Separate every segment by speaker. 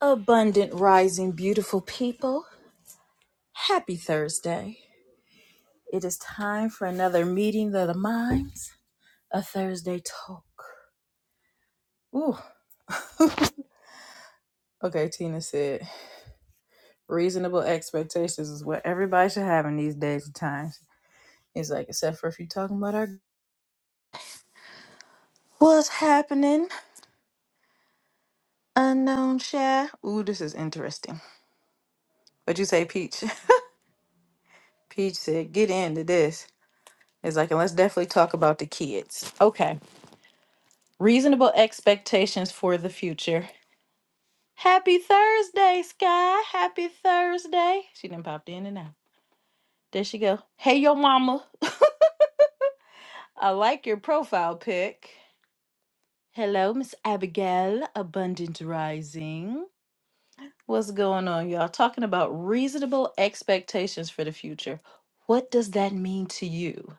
Speaker 1: Abundant rising, beautiful people. Happy Thursday. It is time for another meeting of the minds, a Thursday talk. Ooh. okay, Tina said, reasonable expectations is what everybody should have in these days and times. It's like, except for if you're talking about our what's happening, unknown share. Ooh, this is interesting. What'd you say, Peach? Peach said, get into this. It's like, and let's definitely talk about the kids. Okay. Reasonable expectations for the future. Happy Thursday, Sky. Happy Thursday. She done popped in and out. There she go. Hey, yo, mama. I like your profile pic. Hello, Miss Abigail, Abundant Rising. What's going on, y'all? Talking about reasonable expectations for the future. What does that mean to you?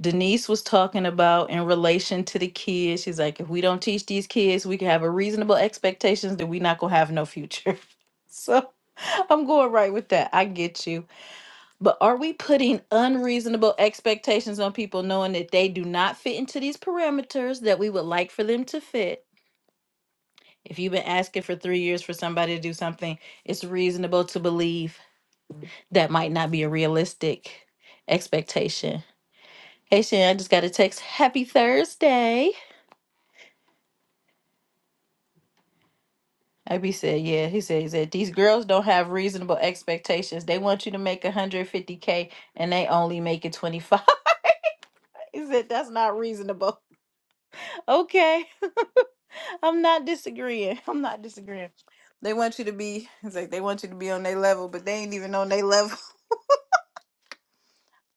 Speaker 1: Denise was talking about in relation to the kids. She's like, if we don't teach these kids, we can have a reasonable expectations that we not gonna have no future. so I'm going right with that. I get you. But are we putting unreasonable expectations on people knowing that they do not fit into these parameters that we would like for them to fit? If you've been asking for three years for somebody to do something, it's reasonable to believe that might not be a realistic expectation. Hey, Shan, I just got a text. Happy Thursday. Ab said, yeah. He said, he said, these girls don't have reasonable expectations. They want you to make 150K and they only make it 25. He said, that's not reasonable. Okay. I'm not disagreeing. I'm not disagreeing. They want you to be, it's like they want you to be on their level, but they ain't even on their level.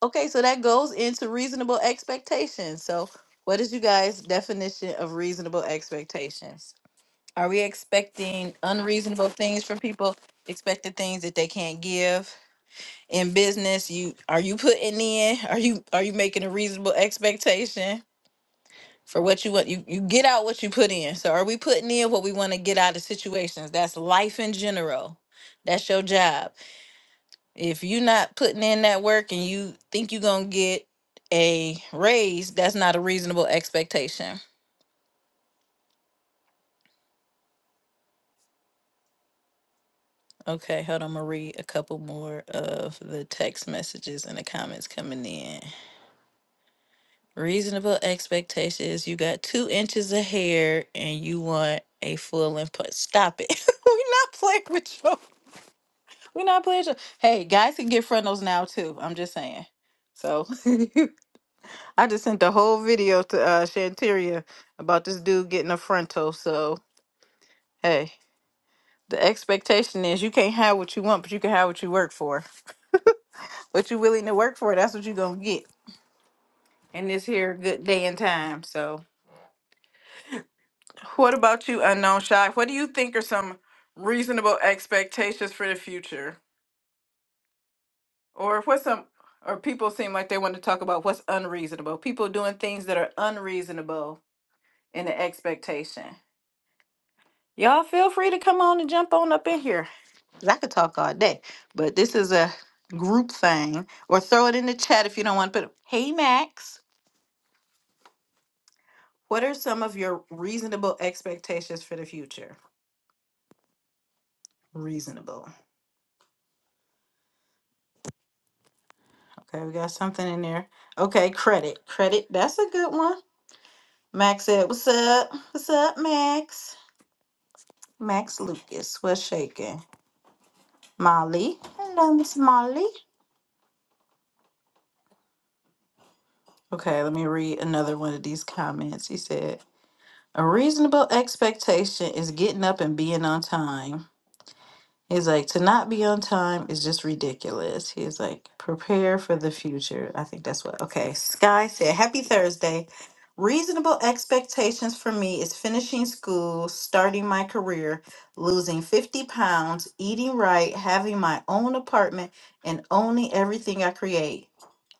Speaker 1: Okay, so that goes into reasonable expectations. So what is you guys' definition of reasonable expectations? Are we expecting unreasonable things from people? Expecting things that they can't give? in business you are you putting in are you are you making a reasonable expectation for what you want you, you get out what you put in so are we putting in what we want to get out of situations that's life in general that's your job if you're not putting in that work and you think you're gonna get a raise that's not a reasonable expectation okay hold on i'm gonna read a couple more of the text messages and the comments coming in Reasonable expectation is you got two inches of hair and you want a full input. Stop it. We're not playing with you. We're not playing with you. Hey, guys can get frontals now too. I'm just saying. So I just sent the whole video to uh Shanteria about this dude getting a frontal. So hey, the expectation is you can't have what you want, but you can have what you work for. What you willing to work for, that's what you're gonna get. And this here good day and time. So What about you, Unknown Shy? What do you think are some reasonable expectations for the future? Or what's some, or people seem like they want to talk about what's unreasonable. People doing things that are unreasonable in the expectation. Y'all feel free to come on and jump on up in here. 'cause I could talk all day, but this is a group thing. Or throw it in the chat if you don't want to put it. Hey, Max, what are some of your reasonable expectations for the future? Reasonable. Okay, we got something in there. Okay, credit. Credit. That's a good one. Max said, What's up? What's up, Max? Max Lucas. What's shaking? Molly. Hello, Miss Molly. Okay, let me read another one of these comments. He said, A reasonable expectation is getting up and being on time. He's like, to not be on time is just ridiculous. He's like, prepare for the future. I think that's what. Okay. Sky said, Happy Thursday. Reasonable expectations for me is finishing school, starting my career, losing 50 pounds, eating right, having my own apartment, and owning everything I create.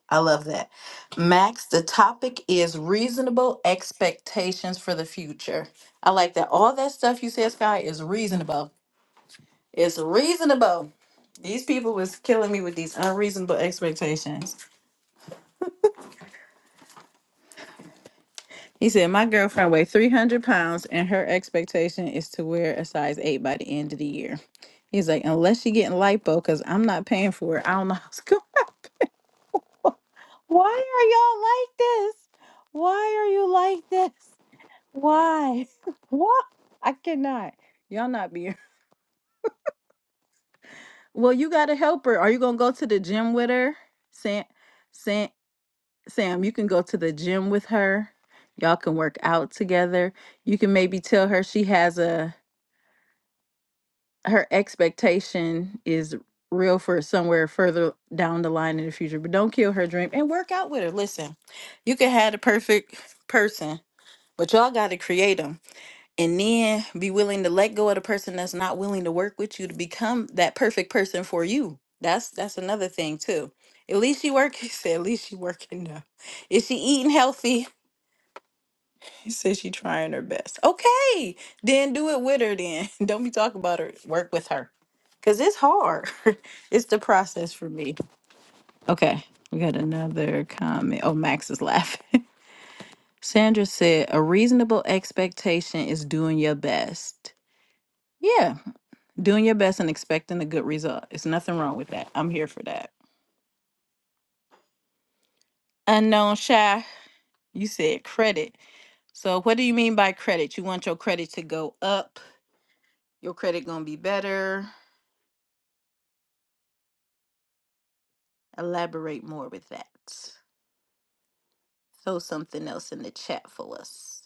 Speaker 1: I love that. Max, the topic is reasonable expectations for the future. I like that. All that stuff you said, Sky, is reasonable. It's reasonable. These people was killing me with these unreasonable expectations. He said, My girlfriend weighed 300 pounds and her expectation is to wear a size 8 by the end of the year. He's like, Unless she getting lipo, because I'm not paying for it. I don't know how it's going. Why are y'all like this? Why are you like this? Why? Why? I cannot. Y'all not be. Well, you got to help her. Are you going to go to the gym with her? Sam, Sam, you can go to the gym with her. Y'all can work out together. You can maybe tell her she has a her expectation is real for somewhere further down the line in the future, but don't kill her dream and work out with her. Listen, you can have the perfect person, but y'all got to create them and then be willing to let go of the person that's not willing to work with you to become that perfect person for you. That's that's another thing too. At least she working. She said, At least she working now. Is she eating healthy? She said she trying her best. Okay, then do it with her. Then don't be talking about her. Work with her, cause it's hard. it's the process for me. Okay, we got another comment. Oh, Max is laughing. Sandra said a reasonable expectation is doing your best. Yeah, doing your best and expecting a good result. It's nothing wrong with that. I'm here for that. Unknown shy. You said credit. So what do you mean by credit? You want your credit to go up. Your credit gonna be better Elaborate more with that. Throw something else in the chat for us.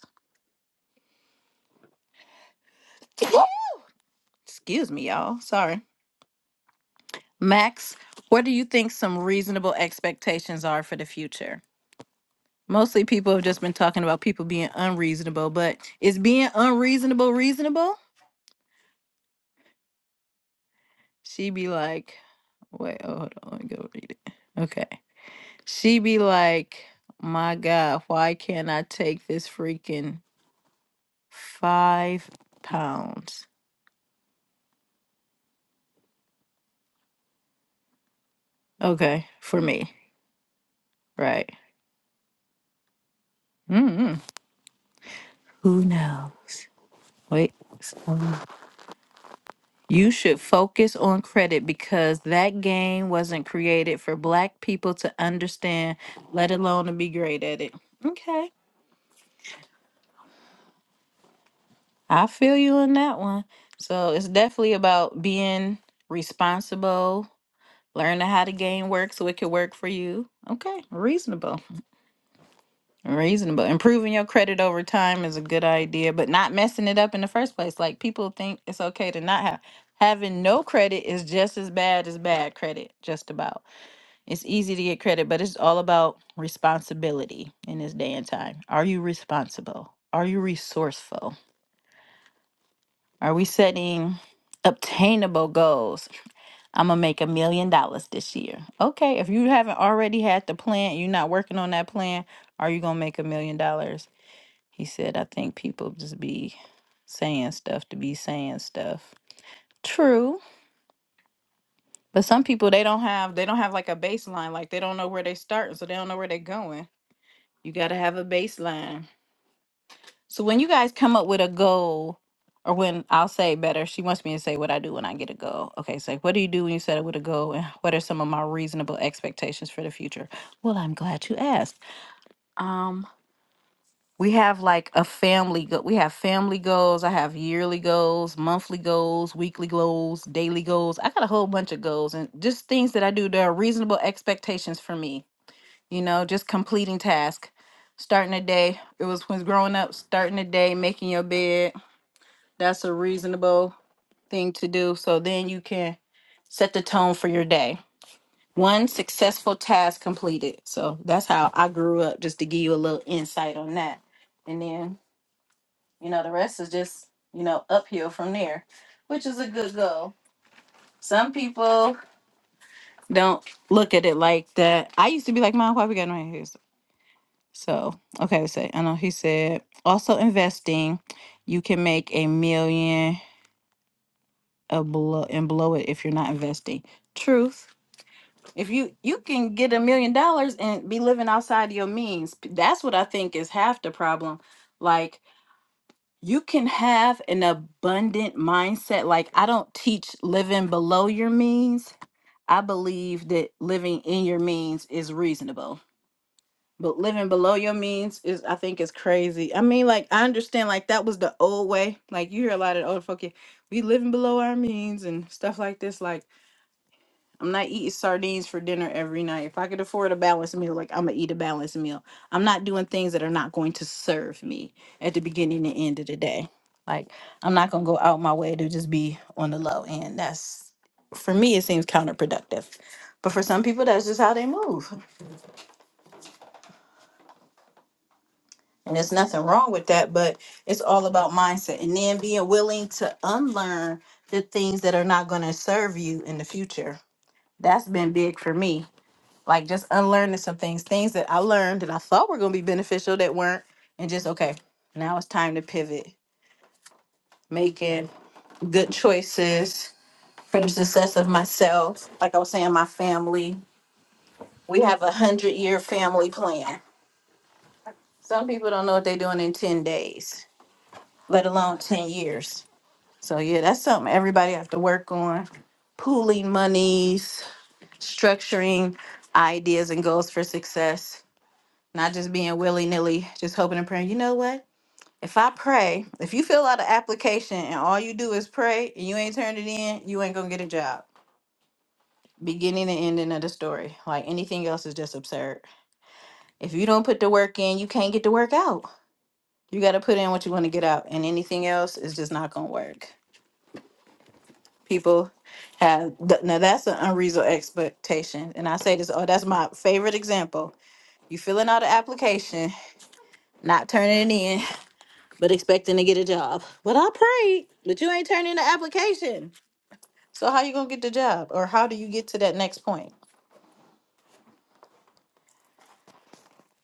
Speaker 1: Excuse me, y'all. Sorry. Max, what do you think some reasonable expectations are for the future? Mostly people have just been talking about people being unreasonable, but is being unreasonable reasonable? She be like, wait, oh, hold on, let me go read it. Okay. She be like, my God, why can't I take this freaking five pounds? Okay, for me. Right. hmm Who knows? Wait. So You should focus on credit because that game wasn't created for black people to understand, let alone to be great at it. Okay. I feel you on that one. So it's definitely about being responsible, learning how the game works so it can work for you. Okay. Reasonable. Reasonable. Improving your credit over time is a good idea, but not messing it up in the first place. Like people think it's okay to not have having no credit is just as bad as bad credit, just about. It's easy to get credit, but it's all about responsibility in this day and time. Are you responsible? Are you resourceful? Are we setting obtainable goals? I'm gonna make a million dollars this year. Okay, if you haven't already had the plan, you're not working on that plan, are you gonna make a million dollars? He said, I think people just be saying stuff to be saying stuff. True. But some people they don't have they don't have like a baseline. Like they don't know where they starting, so they don't know where they're going. You gotta have a baseline. So when you guys come up with a goal, or when I'll say better, she wants me to say what I do when I get a goal. Okay, so what do you do when you set up with a goal and what are some of my reasonable expectations for the future? Well, I'm glad you asked. Um, We have like a family go we have family goals. I have yearly goals, monthly goals, weekly goals, daily goals. I got a whole bunch of goals and just things that I do that are reasonable expectations for me. You know, just completing tasks. Starting a day. It was when growing up, starting a day, making your bed. That's a reasonable thing to do. So then you can set the tone for your day. One successful task completed. So that's how I grew up, just to give you a little insight on that. And then you know, the rest is just, you know, uphill from there, which is a good goal. Some people don't look at it like that. I used to be like, Mom, why we got no haircuts? So, okay, let's say, I know he said, also investing, you can make a million a blow and blow it if you're not investing. Truth. If you you can get a million dollars and be living outside of your means, that's what I think is half the problem. Like you can have an abundant mindset. Like, I don't teach living below your means. I believe that living in your means is reasonable. But living below your means is, I think, is crazy. I mean, like, I understand, like, that was the old way. Like, you hear a lot of the older folk, "Yeah, we living below our means and stuff like this. Like, I'm not eating sardines for dinner every night. If I could afford a balanced meal, like I'm gonna eat a balanced meal. I'm not doing things that are not going to serve me at the beginning and end of the day. Like I'm not gonna go out my way to just be on the low end. That's for me it seems counterproductive. But for some people that's just how they move. And there's nothing wrong with that, but it's all about mindset and then being willing to unlearn the things that are not gonna serve you in the future. That's been big for me like just unlearning some things, things that I learned that I thought were going to be beneficial that weren't, and just okay, now it's time to pivot, making good choices for the success of myself. Like I was saying, my family, we have a hundred year family plan. Some people don't know what they're doing in 10 days, let alone 10 years. So, yeah, that's something everybody have to work on pooling monies, structuring ideas and goals for success not just being willy nilly, just hoping and praying. You know what? If I pray, if you fill out an application and all you do is pray and you ain't turned it in, you ain't gonna get a job. Beginning and ending of the story. Like anything else is just absurd. If you don't put the work in, you can't get the work out. You got to put in what you want to get out, and anything else is just not gonna work. People have th- now that's an unreasonable expectation, and I say this. Oh, that's my favorite example. You filling out an application, not turning it in. but expecting to get a job. But I prayed, but you ain't turning the application. So how you gonna get the job, or how do you get to that next point?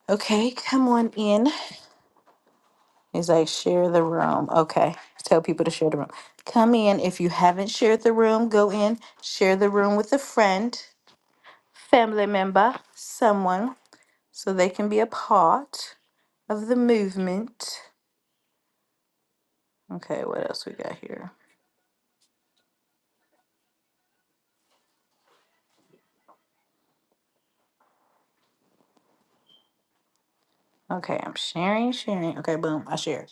Speaker 1: Okay, come on in. He's like, share the room. Okay, tell people to share the room. Come in if you haven't shared the room. Go in, share the room with a friend, family member, someone, so they can be a part of the movement. Okay, what else we got here? Okay, I'm sharing, sharing. Okay, boom, I shared.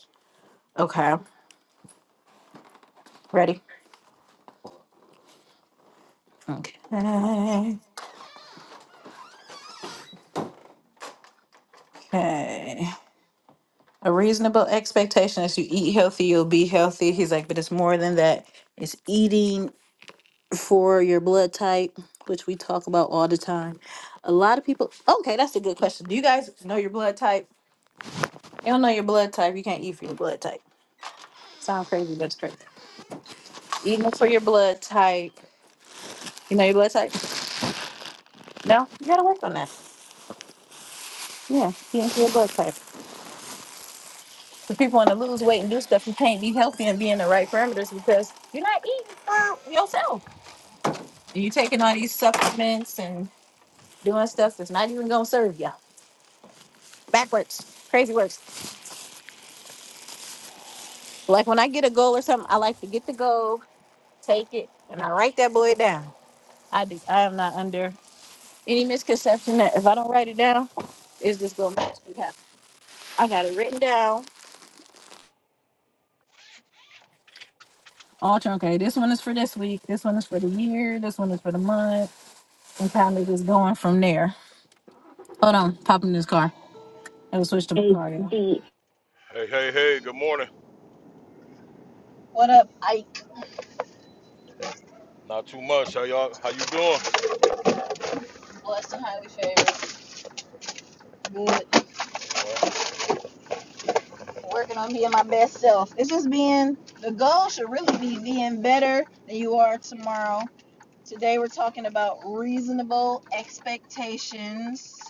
Speaker 1: Okay, ready? Okay. Okay. A reasonable expectation is you eat healthy, you'll be healthy. He's like, but it's more than that. It's eating for your blood type, which we talk about all the time. A lot of people. Okay, that's a good question. Do you guys know your blood type? You don't know your blood type. You can't eat for your blood type. Sound crazy, but it's crazy. Eating for your blood type. You know your blood type? No, you gotta work on that. Yeah, eating for your blood type. So people want to lose weight and do stuff and can't be healthy and be in the right parameters because you're not eating for yourself. And you're taking all these supplements and doing stuff that's not even gonna serve you. Backwards, crazy works. Like when I get a goal or something, I like to get the goal, take it, and I write that boy down. I do. I am not under any misconception that if I don't write it down, it's just gonna magically happen. I got it written down. All true. Okay, this one is for this week. This one is for the year. This one is for the month. And kind of just going from there Hold on, pop in this car. I will switch the car.
Speaker 2: Hey, hey, hey, good morning.
Speaker 1: What up, Ike?
Speaker 2: Not too much. How y'all how you doing?
Speaker 1: What's the highly favorite? Good.
Speaker 2: All right.
Speaker 1: Working on being my best self. It's just being the goal should really be being better than you are tomorrow. Today we're talking about reasonable expectations,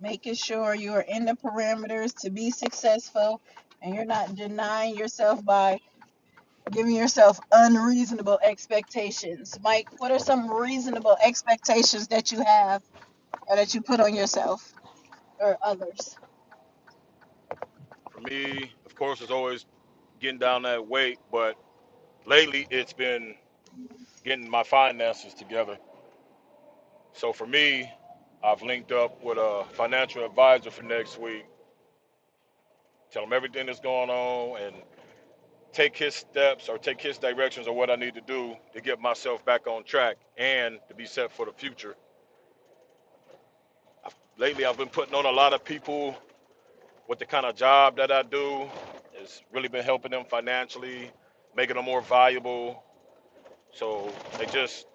Speaker 1: making sure you are in the parameters to be successful and you're not denying yourself by giving yourself unreasonable expectations. Mike, what are some reasonable expectations that you have? or that you put on yourself or others.
Speaker 2: For me, of course, it's always getting down that weight, but lately it's been getting my finances together. So for me, I've linked up with a financial advisor for next week. Tell him everything that's going on and take his steps or take his directions or what I need to do to get myself back on track and to be set for the future. I've, lately, I've been putting on a lot of people with the kind of job that I do, it's really been helping them financially, making them more valuable. So they just,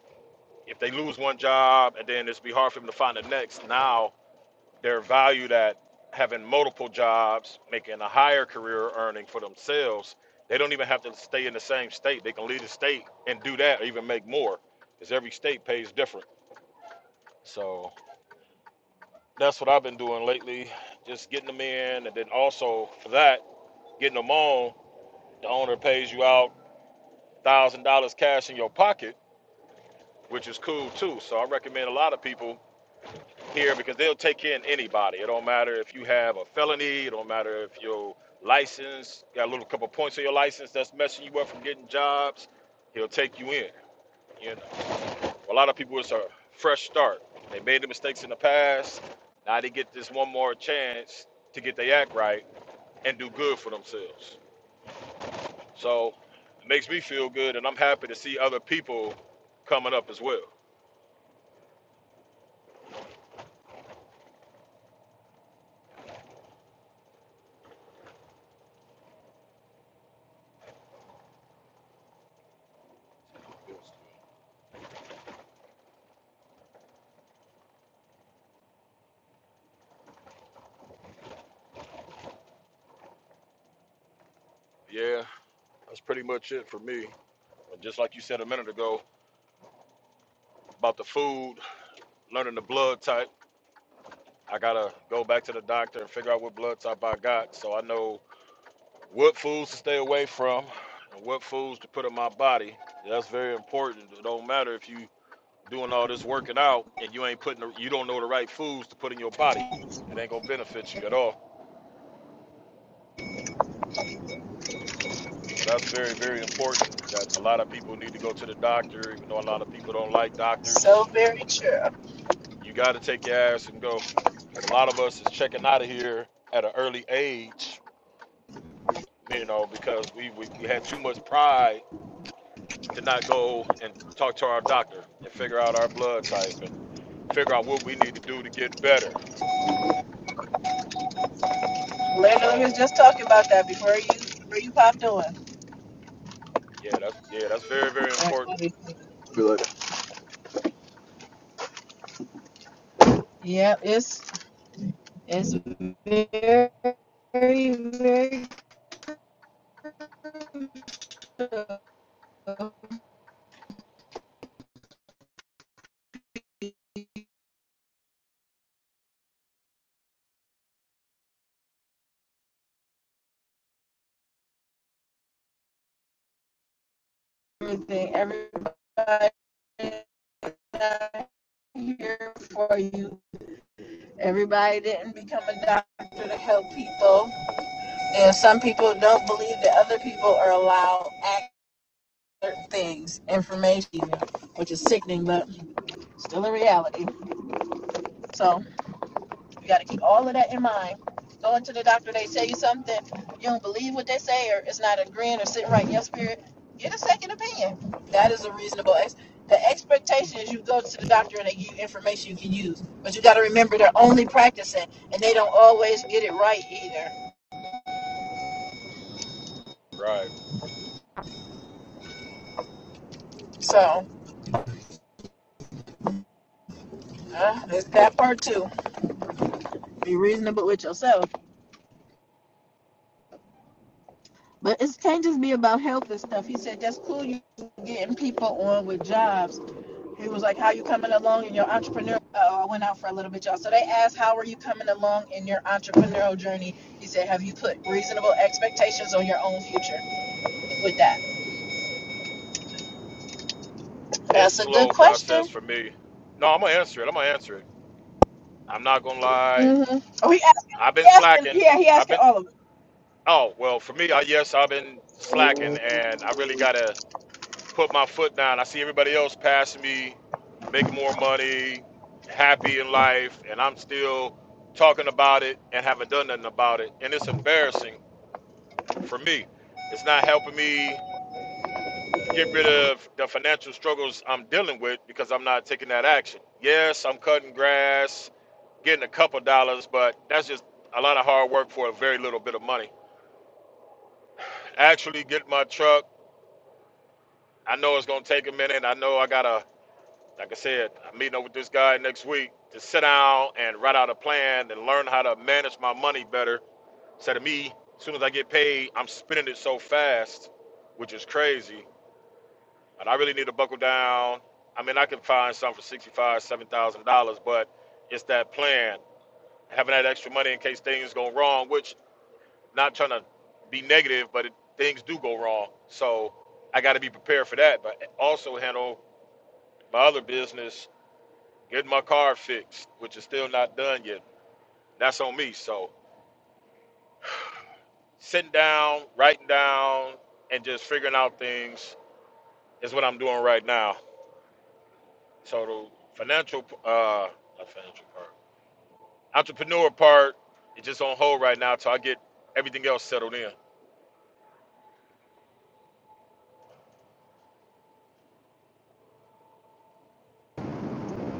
Speaker 2: if they lose one job and then it's be hard for them to find the next, now they're valued at having multiple jobs, making a higher career earning for themselves. They don't even have to stay in the same state. They can leave the state and do that or even make more because every state pays different. So that's what I've been doing lately, just getting them in and then also for that, getting them on The owner pays you out one thousand dollars cash in your pocket, which is cool too. So I recommend a lot of people here because they'll take in anybody. It don't matter if you have a felony. It don't matter if your license got a little couple points on your license that's messing you up from getting jobs. He'll take you in. You know, a lot of people it's a fresh start. They made the mistakes in the past. Now they get this one more chance to get their act right and do good for themselves. So it makes me feel good, and I'm happy to see other people coming up as well. Yeah, that's pretty much it for me. And just like you said a minute ago about the food, learning the blood type, I gotta go back to the doctor and figure out what blood type I got so I know what foods to stay away from and what foods to put in my body. That's very important. It don't matter if you doing all this working out and you ain't putting the, you don't know the right foods to put in your body. It ain't gonna benefit you at all. So that's very, very important that a lot of people need to go to the doctor, even though a lot of people don't like doctors.
Speaker 1: So very true.
Speaker 2: You got to take your ass and go. Because a lot of us is checking out of here at an early age, you know, because we, we, we had too much pride to not go and talk to our doctor and figure out our blood type and figure out what we need to do to get better.
Speaker 1: Lena was
Speaker 2: So,
Speaker 1: just talking about that before you before you popped on.
Speaker 2: yeah, that's yeah, that's very, very
Speaker 1: Right,
Speaker 2: important.
Speaker 1: let Yep, it's it's very very everything. Everybody here for you. Everybody didn't become a doctor to help people, and some people don't believe that other people are allowed access to certain things, information, which is sickening, but still a reality. So. You got to keep all of that in mind. Going to the doctor, they tell you something, you don't believe what they say, or it's not agreeing or sitting right in your spirit, get a second opinion. That is a reasonable. Ex- the expectation is you go to the doctor and they give you information you can use. But you got to remember they're only practicing and they don't always get it right either.
Speaker 2: Right.
Speaker 1: So, uh, that's that part too. Be reasonable with yourself But it can't just be about health and stuff. He said that's cool. You getting people on with jobs. He was like, "How you coming along in your entrepreneurial?" Uh, I went out for a little bit, y'all. So they asked, "How are you coming along in your entrepreneurial journey?" He said, "Have you put reasonable expectations on your own future with that?"
Speaker 2: It's
Speaker 1: That's a good
Speaker 2: slow process
Speaker 1: question.
Speaker 2: for me. No, I'm gonna answer it. I'm gonna answer it. I'm not gonna lie.
Speaker 1: Mm-hmm. Oh, he asking,
Speaker 2: I've been
Speaker 1: he asking,
Speaker 2: slacking.
Speaker 1: yeah, he
Speaker 2: I've
Speaker 1: asking
Speaker 2: been
Speaker 1: all of them.
Speaker 2: oh well for me. I, yes, I've been slacking, and I really gotta put my foot down. I see everybody else passing me, making more money, happy in life, and I'm still talking about it and haven't done nothing about it. And it's embarrassing for me. It's not helping me get rid of the financial struggles I'm dealing with because I'm not taking that action. Yes, I'm cutting grass, getting a couple dollars, but that's just a lot of hard work for a very little bit of money. actually get my truck. I know it's gonna take a minute. I know I gotta, like I said, I'm meeting up with this guy next week to sit down and write out a plan and learn how to manage my money better. Instead of me, as soon as I get paid, I'm spending it so fast, which is crazy. And I really need to buckle down. I mean, I can find some for sixty-five, seven thousand dollars, but it's that plan, having that extra money in case things go wrong, which Not trying to be negative, but it, things do go wrong. So I got to be prepared for that. But also handle my other business, getting my car fixed, which is still not done yet. That's on me. So sitting down, writing down, and just figuring out things is what I'm doing right now. So the financial, uh, not financial part, entrepreneur part is just on hold right now till I get everything else settled in.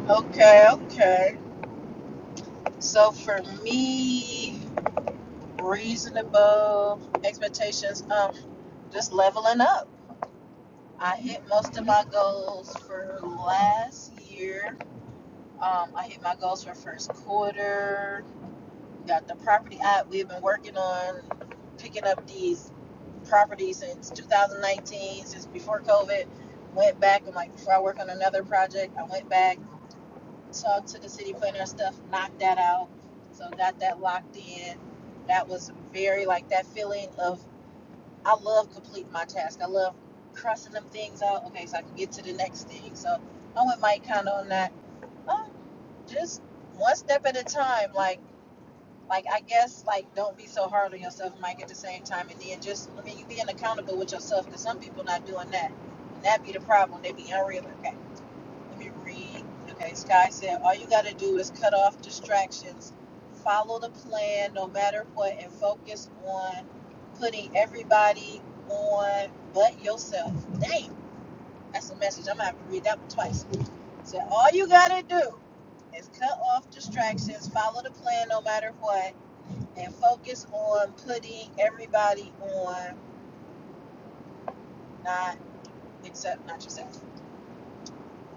Speaker 1: Okay, okay. So for me, reasonable expectations. Um, just leveling up I hit most of my goals for last year. Um, I hit my goals for first quarter. Got the property out. We've been working on picking up these properties since 2019, since before COVID. Went back and like before I work on another project, I went back, talked to the city planner stuff, knocked that out. So got that locked in. That was very like that feeling of I love completing my task. I love crossing them things out. Okay, so I can get to the next thing. So I'm with Mike kind of on that. Um, just one step at a time. Like like I guess like don't be so hard on yourself, Mike. At the same time, and then just I mean, you being accountable with yourself because some people not doing that, and that be the problem. They be unreal. Okay, let me read. Okay, Sky said all you gotta do is cut off distractions, follow the plan no matter what, and focus on putting everybody on but yourself. Dang, that's a message. I'm gonna have to read that one twice. So all you gotta do is cut off distractions, follow the plan no matter what, and focus on putting everybody on, not except not yourself.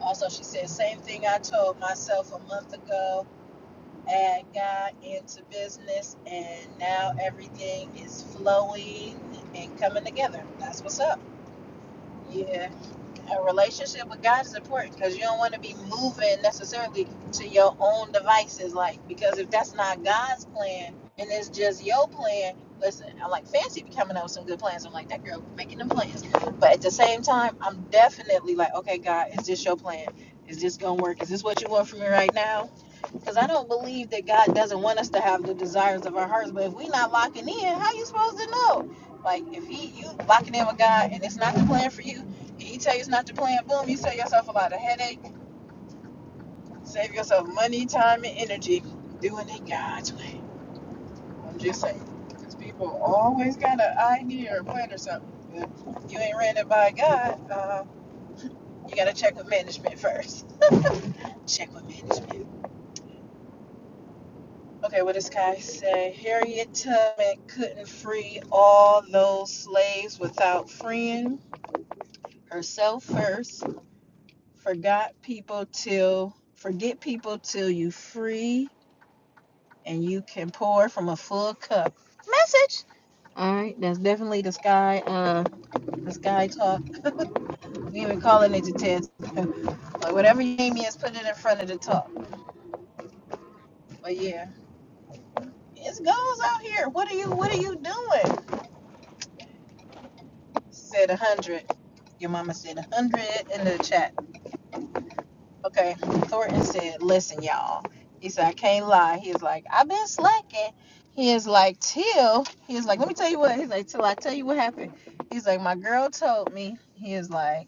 Speaker 1: Also, she said, same thing I told myself a month ago. Add God into business, and now everything is flowing and coming together. That's what's up. Yeah. a relationship with God is important because you don't want to be moving necessarily to your own devices. Like, because if that's not God's plan and it's just your plan, listen, I like fancy be coming up with some good plans. I'm like, that girl making them plans. But at the same time, I'm definitely like, okay, God, is this your plan? Is this going to work? Is this what you want from me right now? Because I don't believe that God doesn't want us to have the desires of our hearts. But if we're not locking in, how you supposed to know? Like if he you locking in with God and it's not the plan for you, and he tell you it's not the plan, boom, you save yourself a lot of headache, save yourself money, time, and energy doing it God's way. I'm just saying. Because people always got an idea or plan or something. But you ain't ran it by God, uh, you gotta check with management first. Check with management. Okay, what does Kai say? Harriet Tubman couldn't free all those slaves without freeing herself first. Forgot people till forget people till you free and you can pour from a full cup. Message. All right, that's definitely the sky. Uh, the sky talk. We even calling it the test. like whatever your name is, put it in front of the talk. But yeah, it goes out here. What are you? What are you doing? Said a hundred. Your mama said a hundred in the chat. Okay, Thornton said, Listen, y'all. He said, I can't lie. He is like, I've been slacking. He is like, Till. He is like, Let me tell you what. He's like, Till I tell you what happened. He's like, My girl told me. He is like,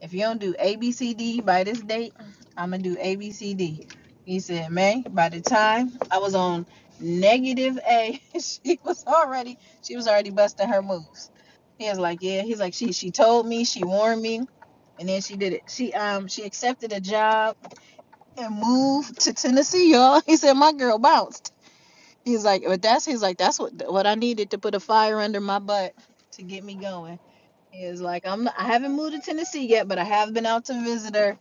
Speaker 1: If you don't do ABCD by this date, I'm going to do ABCD. He said, Man, by the time I was on negative A, she was already, she was already busting her moves. He was like, Yeah. He's like, She, she told me, she warned me. And then she did it. She um she accepted a job and moved to Tennessee, y'all. He said my girl bounced. He's like, but that's he's like that's what what I needed to put a fire under my butt to get me going. He is like, I'm I haven't moved to Tennessee yet, but I have been out to visit her.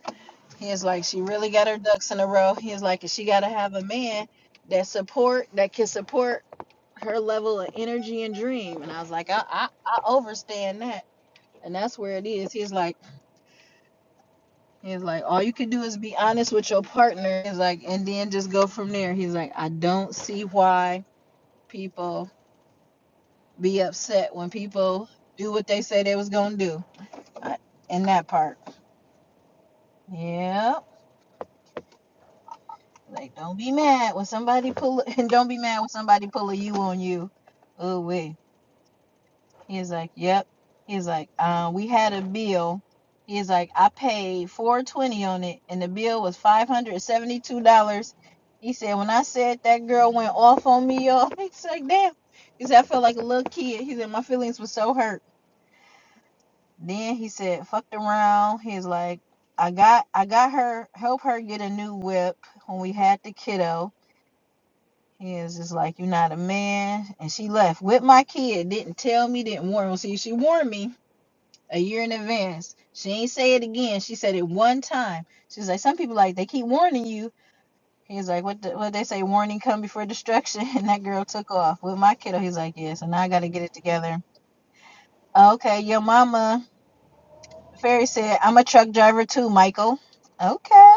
Speaker 1: He is like, she really got her ducks in a row. He is like, and she got to have a man that support that can support her level of energy and dream. And I was like, I I, I overstand that, and that's where it is. He's like. He's like, all you can do is be honest with your partner. He's like, and then just go from there. He's like, I don't see why people be upset when people do what they say they was gonna do. I, in that part, yeah. Like, don't be mad when somebody pull, and don't be mad when somebody pull a you on you. Oh wait. He's like, "Yep." He's like, uh, "We had a bill." He's like, "I paid four hundred twenty dollars on it, and the bill was five hundred seventy-two dollars." He said, "When I said that girl went off on me, y'all," he's like, "Damn." He said, "I felt like a little kid." He said, "My feelings were so hurt." Then he said, "Fucked around." He's like, "I got, I got her, help her get a new whip when we had the kiddo." He is just like, "You're not a man," and she left with my kid. Didn't tell me, didn't warn me. See, she warned me a year in advance. She ain't say it again. She said it one time. She's like, some people like they keep warning you. He's like, what? The, what they say? Warning come before destruction. And that girl took off with my kiddo. He's like, yeah. So now I got to get it together. Okay, your mama. Fairy said, I'm a truck driver too, Michael. Okay,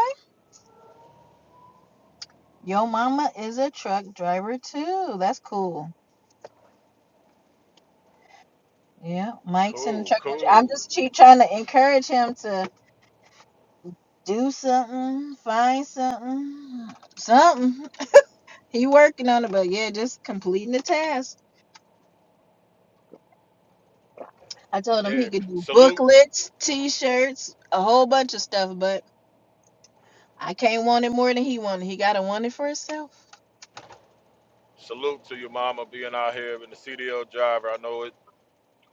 Speaker 1: your mama is a truck driver too. That's cool. Yeah, Mike's in the
Speaker 2: Cool,
Speaker 1: truck. I'm
Speaker 2: cool.
Speaker 1: just keep trying to encourage him to do something, find something, something. He working on it, but yeah, just completing the task. I told him
Speaker 2: Yeah.
Speaker 1: he could do
Speaker 2: Salute.
Speaker 1: booklets, t-shirts, a whole bunch of stuff, but I can't want it more than he wanted. He gotta want it for himself.
Speaker 2: Salute to your mama being out here in the CDL driver. I know it,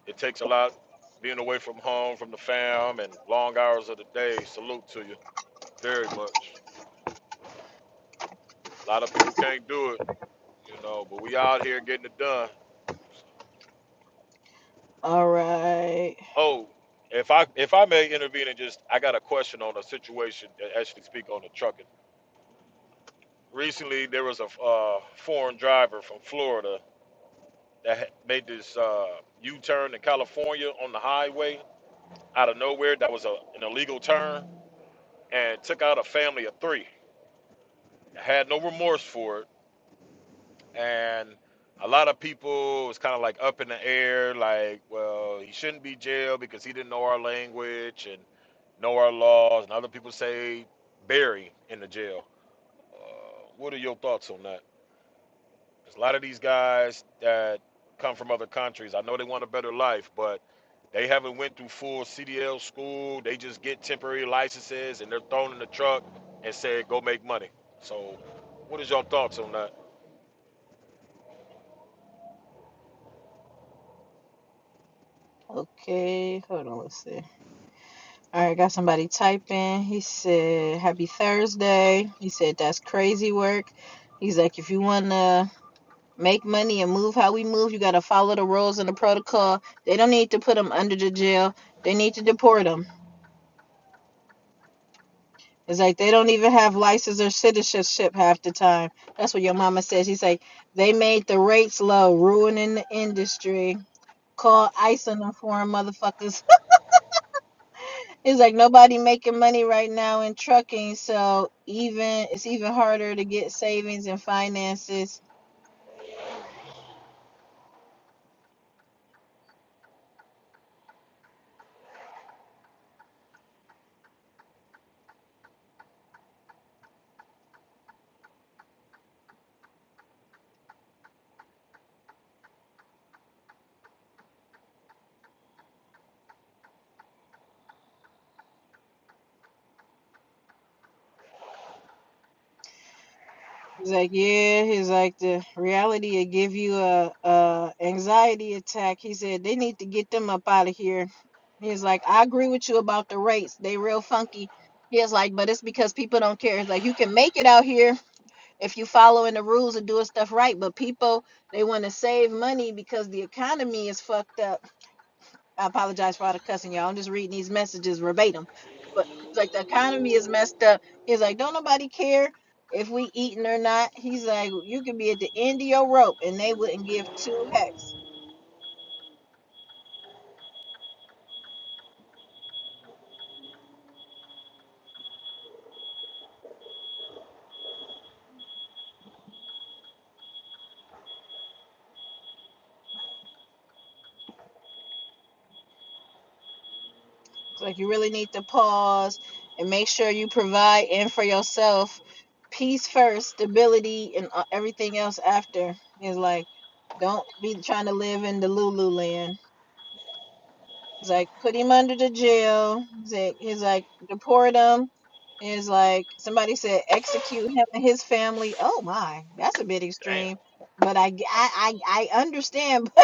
Speaker 2: it takes a lot being away from home, from the fam, and long hours of the day. Salute to you very much. A lot of people can't do it, you know, but we out here getting it done.
Speaker 1: All right.
Speaker 2: Oh, if I if I may intervene and just I got a question on a situation that actually speak on the trucking. Recently, there was a uh, foreign driver from Florida that had made this uh, U-turn in California on the highway out of nowhere. That was a, an illegal turn and took out a family of three. Had no remorse for it, and a lot of people was kind of like up in the air, like, well, he shouldn't be jailed because he didn't know our language and know our laws, and other people say bury in the jail. Uh, what are your thoughts on that? There's a lot of these guys that come from other countries. I know they want a better life, but they haven't went through full CDL school. They just get temporary licenses and they're thrown in the truck and said, "Go make money." So, what is your thoughts on that?
Speaker 1: Okay, hold on, let's see. All right, got somebody typing. He said, "Happy Thursday." He said, "That's crazy work." He's like, "If you wanna make money and move how we move, you gotta follow the rules and the protocol. They don't need to put them under the jail. They need to deport them." It's like they don't even have license or citizenship half the time. That's what your mama said. She's like, they made the rates low, ruining the industry. Call ICE on them foreign motherfuckers. it's like nobody making money right now in trucking, so even it's even harder to get savings and finances He's like, yeah. He's like, the reality will give you a, a anxiety attack. He said they need to get them up out of here. He's like, I agree with you about the rates. They real funky. He's like, but it's because people don't care. He's like, you can make it out here if you following the rules and doing stuff right. But people, they want to save money because the economy is fucked up. I apologize for all the cussing, y'all. I'm just reading these messages verbatim. But he's like, the economy is messed up. He's like, don't nobody care if we eating or not. He's like, you can be at the end of your rope and they wouldn't give two hex. So like, you really need to pause and make sure you provide and for yourself peace first, stability, and uh, everything else after. He's like, don't be trying to live in the Lulu land. He's like, put him under the jail. He's like, he's like deport him. He's like, somebody said, execute him and his family. Oh my, that's a bit
Speaker 2: Damn.
Speaker 1: extreme. But I I I I understand.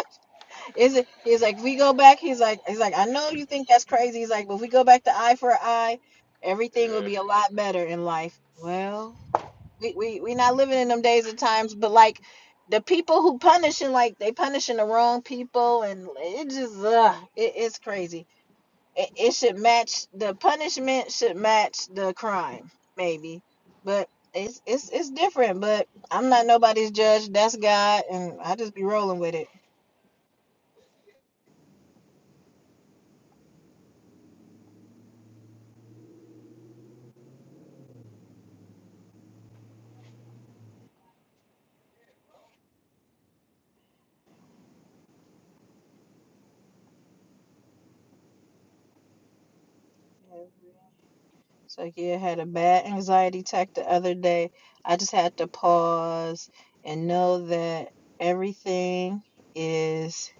Speaker 1: Is it? He's like, if we go back. He's like, he's like, I know you think that's crazy. He's like, but if we go back to eye for eye, everything will
Speaker 2: Yeah.
Speaker 1: be a lot better in life. Well, we we we not living in them days and times. But like, the people who punishing, like they punishing the wrong people, and it just, ugh, it, it's crazy it, it should match the punishment should match the crime maybe but it's it's it's different but i'm not nobody's judge that's god and i just be rolling with it so yeah I had a bad anxiety attack the other day i just had to pause and know that everything is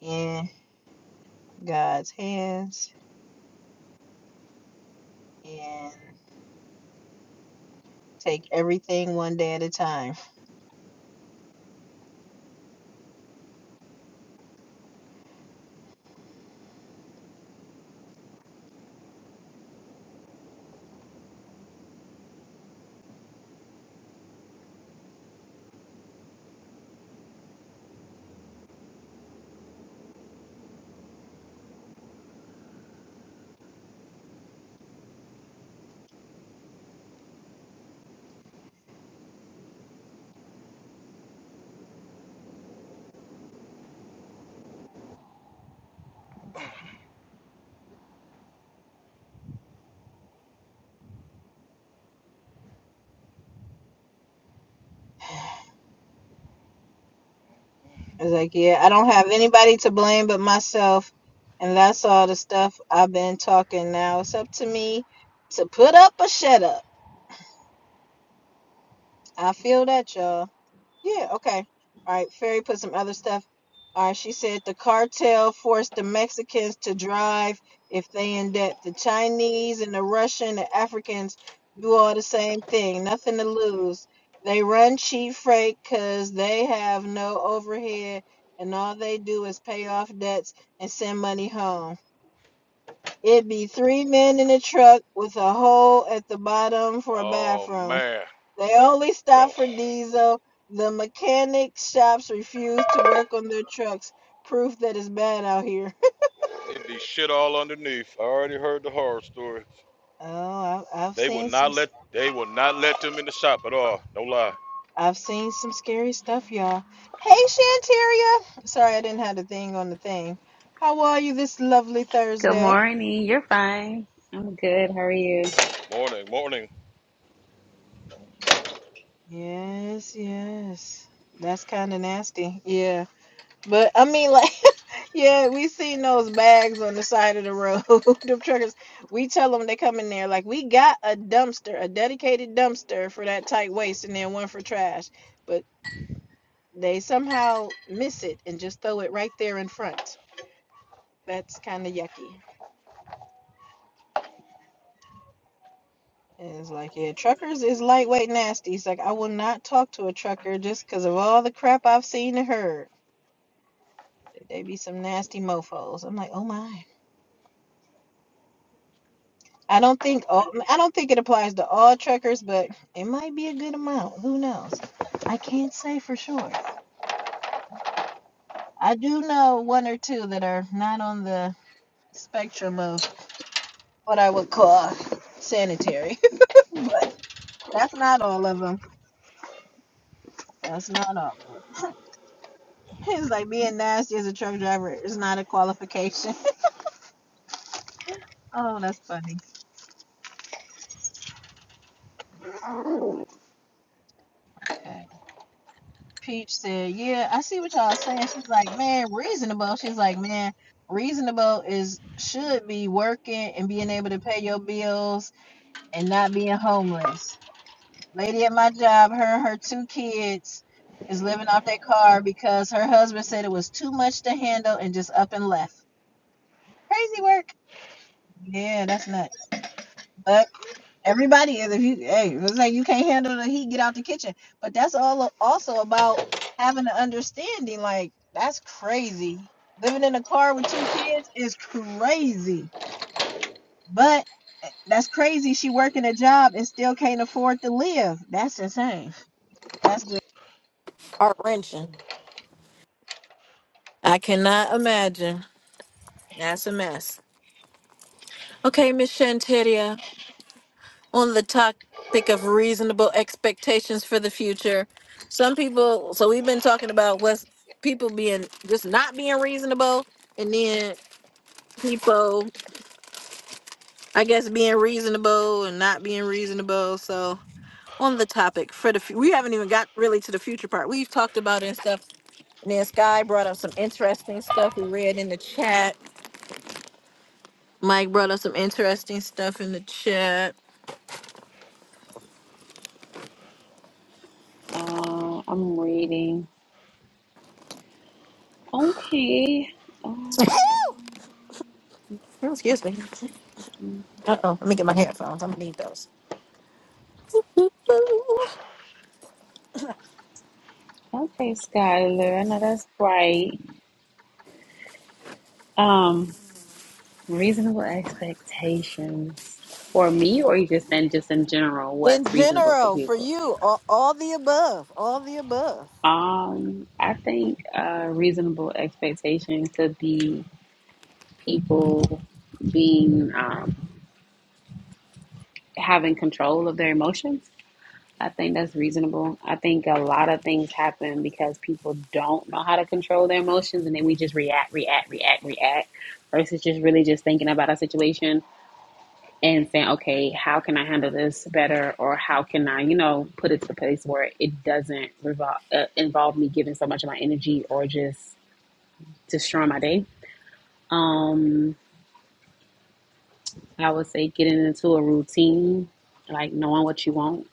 Speaker 1: in god's hands and take everything one day at a time It's like, yeah, I don't have anybody to blame but myself. And that's all the stuff I've been talking now. It's up to me to put up or shut up. I feel that, y'all. Yeah, okay. All right, Ferry put some other stuff. All right, she said the cartel forced the Mexicans to drive if they in debt. The Chinese and the Russian, the Africans do all the same thing. Nothing to lose. They run cheap freight 'cause they have no overhead and all they do is pay off debts and send money home. It'd be three men in a truck with a hole at the bottom for a
Speaker 2: Oh
Speaker 1: bathroom.
Speaker 2: man.
Speaker 1: They only
Speaker 2: Oh.
Speaker 1: stop for diesel. The mechanic shops refuse to work on their trucks. Proof that it's bad out here.
Speaker 2: it'd be shit all underneath. I already heard the horror stories.
Speaker 1: Oh, I, I've
Speaker 2: They will
Speaker 1: seen some.
Speaker 2: not let they will not let them in the shop at all. No lie.
Speaker 1: i I've seen some scary stuff, y'all. Hey, Shanteria. Sorry, I didn't have the thing on the thing. How are you this lovely
Speaker 3: Good
Speaker 1: Thursday?
Speaker 3: morning. You're fine. I'm good. How are you?
Speaker 2: Morning, morning.
Speaker 1: Yes, yes. That's kind of nasty. Yeah. But I mean, like, yeah, we seen those bags on the side of the road. Them truckers, we tell them they come in there like we got a dumpster, a dedicated dumpster for that tight waist, and then one for trash. But they somehow miss it and just throw it right there in front. That's kind of yucky. And it's like, yeah, truckers is lightweight nasty. It's like I will not talk to a trucker just because of all the crap I've seen and heard. They be some nasty mofo's. I'm like, oh my. I don't think all, I don't think it applies to all truckers, but it might be a good amount. Who knows? I can't say for sure. I do know one or two that are not on the spectrum of what I would call sanitary, but that's not all of them. That's not all. It's like being nasty as a truck driver is not a qualification. oh, that's funny. Okay. Peach said, "Yeah, I see what y'all saying." She's like, "Man, reasonable." She's like, "Man, reasonable is should be working and being able to pay your bills and not being homeless." Lady at my job, her and her two kids is living off their car because her husband said it was too much to handle and just up and left. Crazy work. Yeah, that's nuts. but." Everybody is. If you, hey, it's like you can't handle the heat, get out the kitchen. But that's all a- also about having an understanding. Like that's crazy. Living in a car with two kids is crazy. But that's crazy. She working a job and still can't afford to live. That's insane. That's just Heart wrenching. I cannot imagine. That's a mess. Okay, Miss Shantaria. on the topic of reasonable expectations for the future. Some people, so we've been talking about what's people being just not being reasonable, and then people, I guess, being reasonable and not being reasonable. So on the topic for the, fu- we haven't even got really to the future part. We've talked about it and stuff, and then Sky brought up some interesting stuff we read in the chat. Mike brought up some interesting stuff in the chat.
Speaker 3: Uh, I'm reading. Okay. Um,
Speaker 1: Excuse me. Uh oh. Let me get my headphones. I'm gonna need those.
Speaker 3: okay, Skylar. I know that's right. Um, reasonable expectations for me, or you just and just in general,
Speaker 1: in
Speaker 3: what's reasonable for
Speaker 1: general for
Speaker 3: people?
Speaker 1: you all, all the above all the above
Speaker 3: Um, I think uh, reasonable expectation could be people being um, having control of their emotions. I think that's reasonable. I think a lot of things happen because people don't know how to control their emotions and then we just react, react, react, react versus just really just thinking about a situation and saying, okay, how can I handle this better or how can I, you know, put it to the place where it doesn't revol- uh, involve me giving so much of my energy or just destroying my day. Um, I would say getting into a routine, like knowing what you want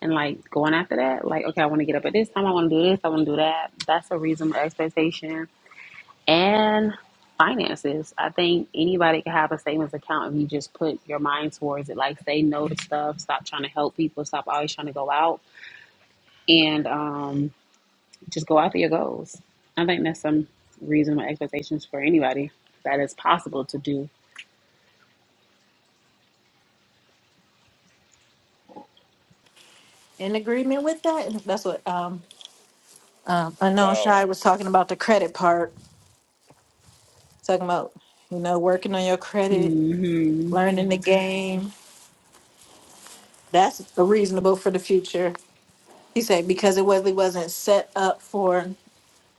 Speaker 3: and like going after that. Like, okay, I want to get up at this time. I want to do this. I want to do that. That's a reasonable expectation. And finances. I think anybody can have a savings account if you just put your mind towards it. Like, say no to stuff. Stop trying to help people. Stop always trying to go out and um, just go after your goals. I think that's some reasonable expectations for anybody that is possible to do.
Speaker 1: in agreement with that that's what um um
Speaker 2: A
Speaker 1: unknown shy
Speaker 2: thousand.
Speaker 1: was talking about the credit part talking about you know working on your credit
Speaker 3: hmm
Speaker 1: learning the game that's reasonable for the future he said because it wasn't wasn't set up for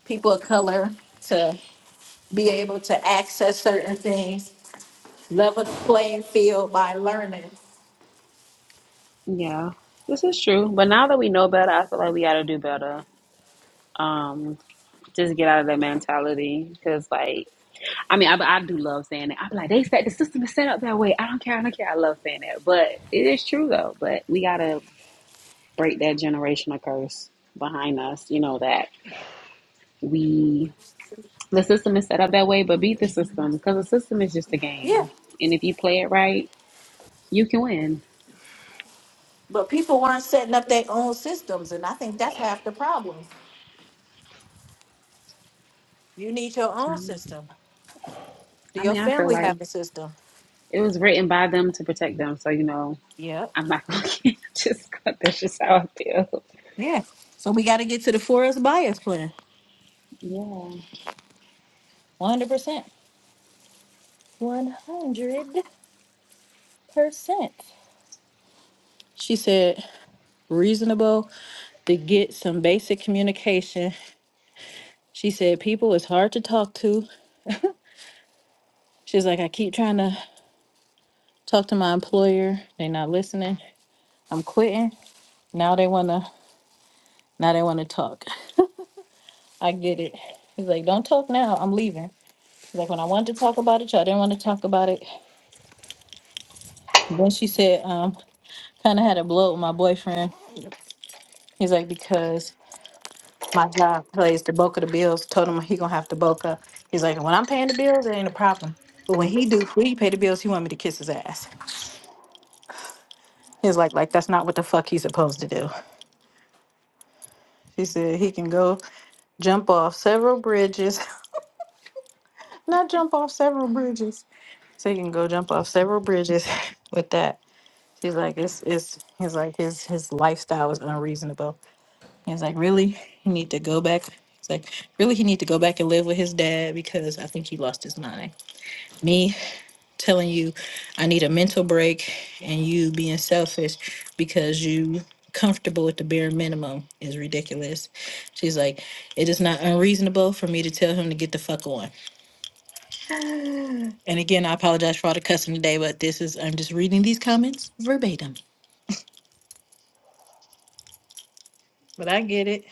Speaker 1: people of color to be able to access certain things level the playing field by learning
Speaker 3: Yeah, this is true. But now that we know better, I feel like we got to do better. Um, just get out of that mentality. Because, like, I mean, I, I do love saying it. I'm like, they said the system is set up that way. I don't care. I don't care. I love saying that. But it is true, though. But we got to break that generational curse behind us, you know, that we, the system is set up that way, but beat the system. Because the system is just a
Speaker 1: yeah
Speaker 3: game. And if you play it right, you can win.
Speaker 1: But people weren't setting up their own systems, and I think that's half the problem. You need your own
Speaker 3: Um,
Speaker 1: system. Do
Speaker 3: I
Speaker 1: your
Speaker 3: mean, I feel
Speaker 1: family
Speaker 3: like
Speaker 1: have a system?
Speaker 3: it was written by them to protect them. So, you know,
Speaker 1: Yep.
Speaker 3: I'm not gonna get just gonna- that's just how I feel.
Speaker 1: Yeah. So we got to get to the forest bias plan.
Speaker 3: Yeah.
Speaker 1: One hundred percent. One hundred percent. She said reasonable to get some basic communication. She said people is hard to talk to. She's like, I keep trying to talk to my employer. They not listening. I'm quitting. Now they wanna. Now they wanna talk. I get it. He's like, don't talk now. I'm leaving. He's like, when I wanted to talk about it, y'all didn't want to talk about it. Then she said, um, kind of had a blow with my boyfriend. He's like, because my job plays the bulk of the bills. Told him he gonna have to bulk up. He's like, when I'm paying the bills, it ain't a problem. But when he do, when he pay the bills, he want me to kiss his ass. He's like, like that's not what the fuck he's supposed to do. She said he can go jump off several bridges, not jump off several bridges. So he can go jump off several bridges with that. He's like, it's it's he's like his his lifestyle was unreasonable. He's like, really? He need to go back. He's like, really he need to go back and live with his dad because I think he lost his mind. Me telling you I need a mental break and you being selfish because you comfortable with the bare minimum is ridiculous. She's like, it is not unreasonable for me to tell him to get the fuck on. And again, I apologize for all the cussing today, but this is I'm just reading these comments verbatim. But I get it.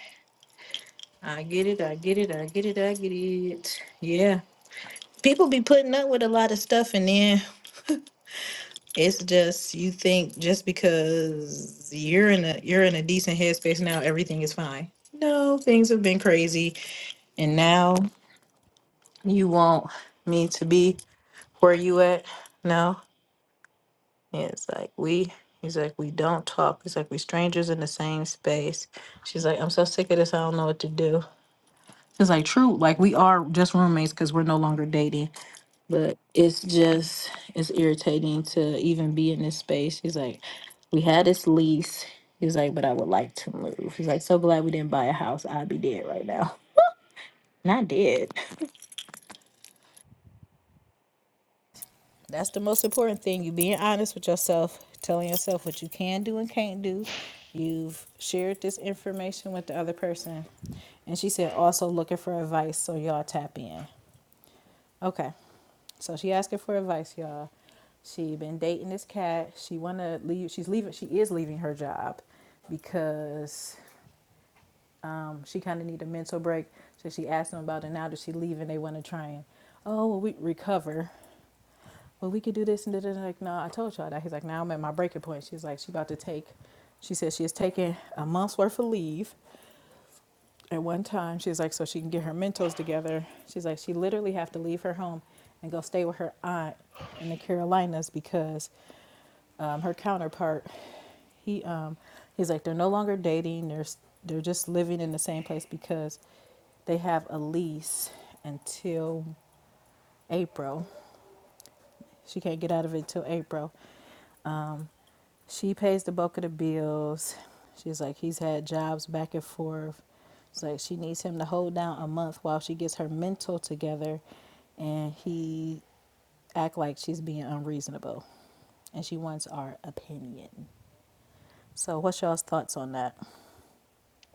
Speaker 1: I get it. I get it. I get it. I get it. Yeah. People be putting up with a lot of stuff and then it's just you think just because you're in a you're in a decent headspace now everything is fine. No, things have been crazy and now you want me to be where you at? No. Yeah, it's like we he's like we don't talk. It's like we strangers in the same space. She's like I'm so sick of this. I don't know what to do. It's like true. Like we are just roommates cuz we're no longer dating But it's just it's irritating to even be in this space. He's like, we had this lease. He's like, but I would like to move. He's like, so glad we didn't buy a house. I'd be dead right now. And I did. That's the most important thing. You being honest with yourself, telling yourself what you can do and can't do. You've shared this information with the other person. And she said also looking for advice, so y'all tap in. Okay. So she asking for advice, y'all.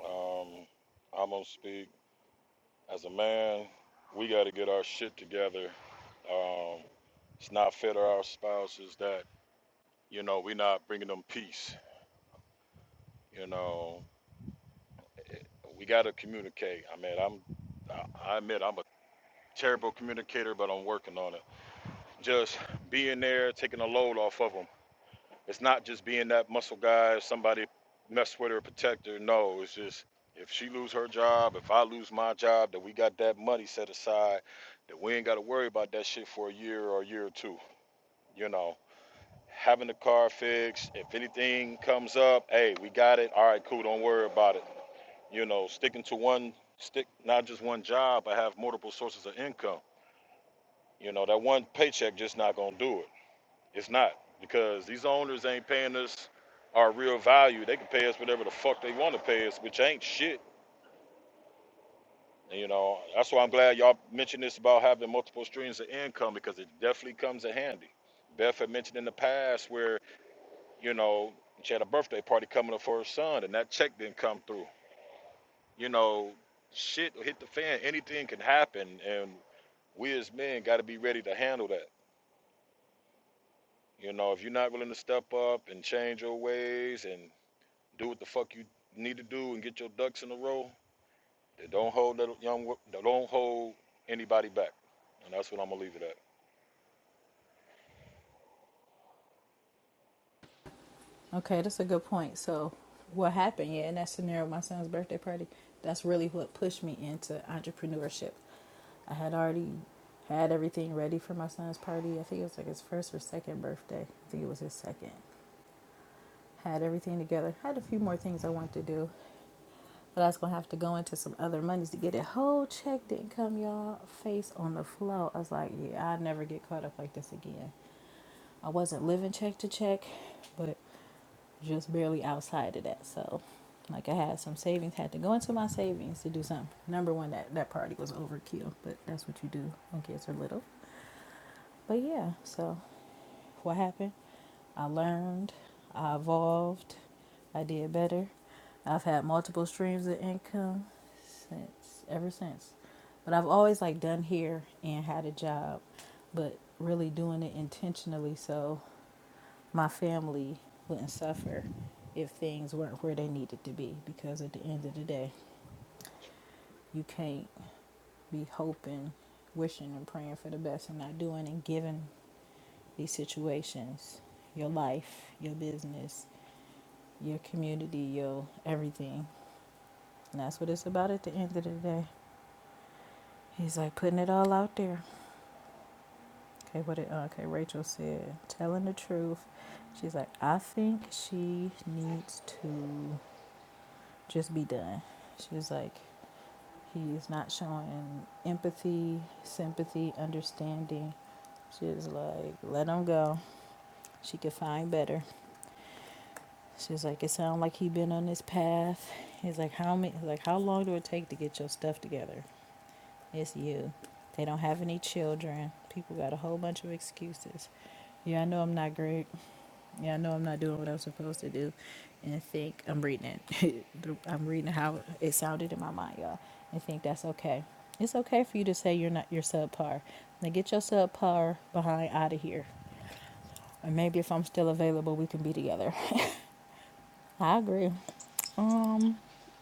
Speaker 2: Um, I'm gonna speak. As a man, we got to get our shit together. Um, it's not fair to our spouses that you know we're not bringing them peace. You know, we got to communicate. I mean, I'm, I I admit I'm a terrible communicator, but I'm working on it. Just being there, taking a load off of them. It's not just being that muscle guy, or somebody mess with her, protect her. No, it's just if she lose her job, if I lose my job, that we got that money set aside, that we ain't got to worry about that shit for a year or a year or two you know, having the car fixed. If anything comes up, hey, we got it. All right, cool. Don't worry about it. You know, sticking to one stick, not just one job, but have multiple sources of income. You know, that one paycheck just not gonna do it. It's not because these owners ain't paying us our real value. They can pay us whatever the fuck they want to pay us, which ain't shit. And, You know, that's why I'm glad y'all mentioned this about having multiple streams of income because it definitely comes in handy. Beth had mentioned in the past where You know, she had a birthday party coming up for her son, and that check didn't come through. You know, shit will hit the fan. Anything can happen, and we as men got to be ready to handle that. You know, if you're not willing to step up and change your ways and do what the fuck you need to do and get your ducks in a row, then don't hold that young, wo- don't hold anybody back. And that's what I'm gonna leave it at.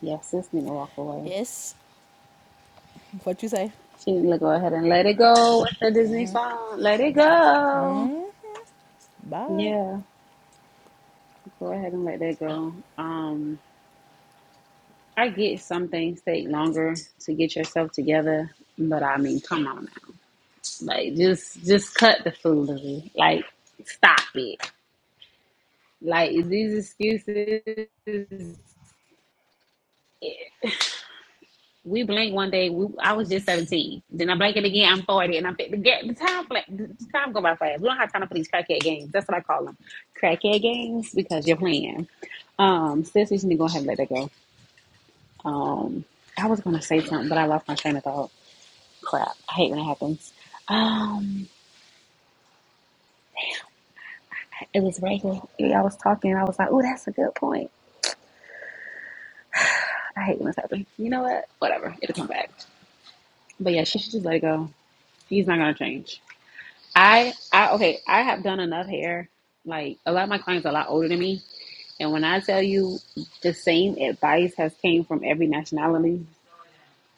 Speaker 3: Yes, this need to walk away. She need to go ahead and let it go with the Disney song. Let it go. Yeah. Go ahead and let that go. Um I get some things take longer to get yourself together, but I mean, come on now. Like just just cut the foolery. Like stop it. Like these excuses we blinked one day. We, I was just seventeen. Then I blink it again. I'm forty, and I'm the, the time the time go by fast. We don't have time to play these crackhead games. That's what I call them, crackhead games, because you're playing. Um, sis, we need to go ahead and let that go. Um, I was gonna say something, but I lost my train of thought. Crap, I hate when it happens. Um, it was right here. Yeah, I was talking. I was like, "Oh, that's a good point." I hate when this happens. You know what? Whatever. It'll come back. But yeah, she should just let it go. He's not gonna change. I I okay, I have done enough hair. Like a lot of my clients are a lot older than me. And when I tell you the same advice has came from every nationality,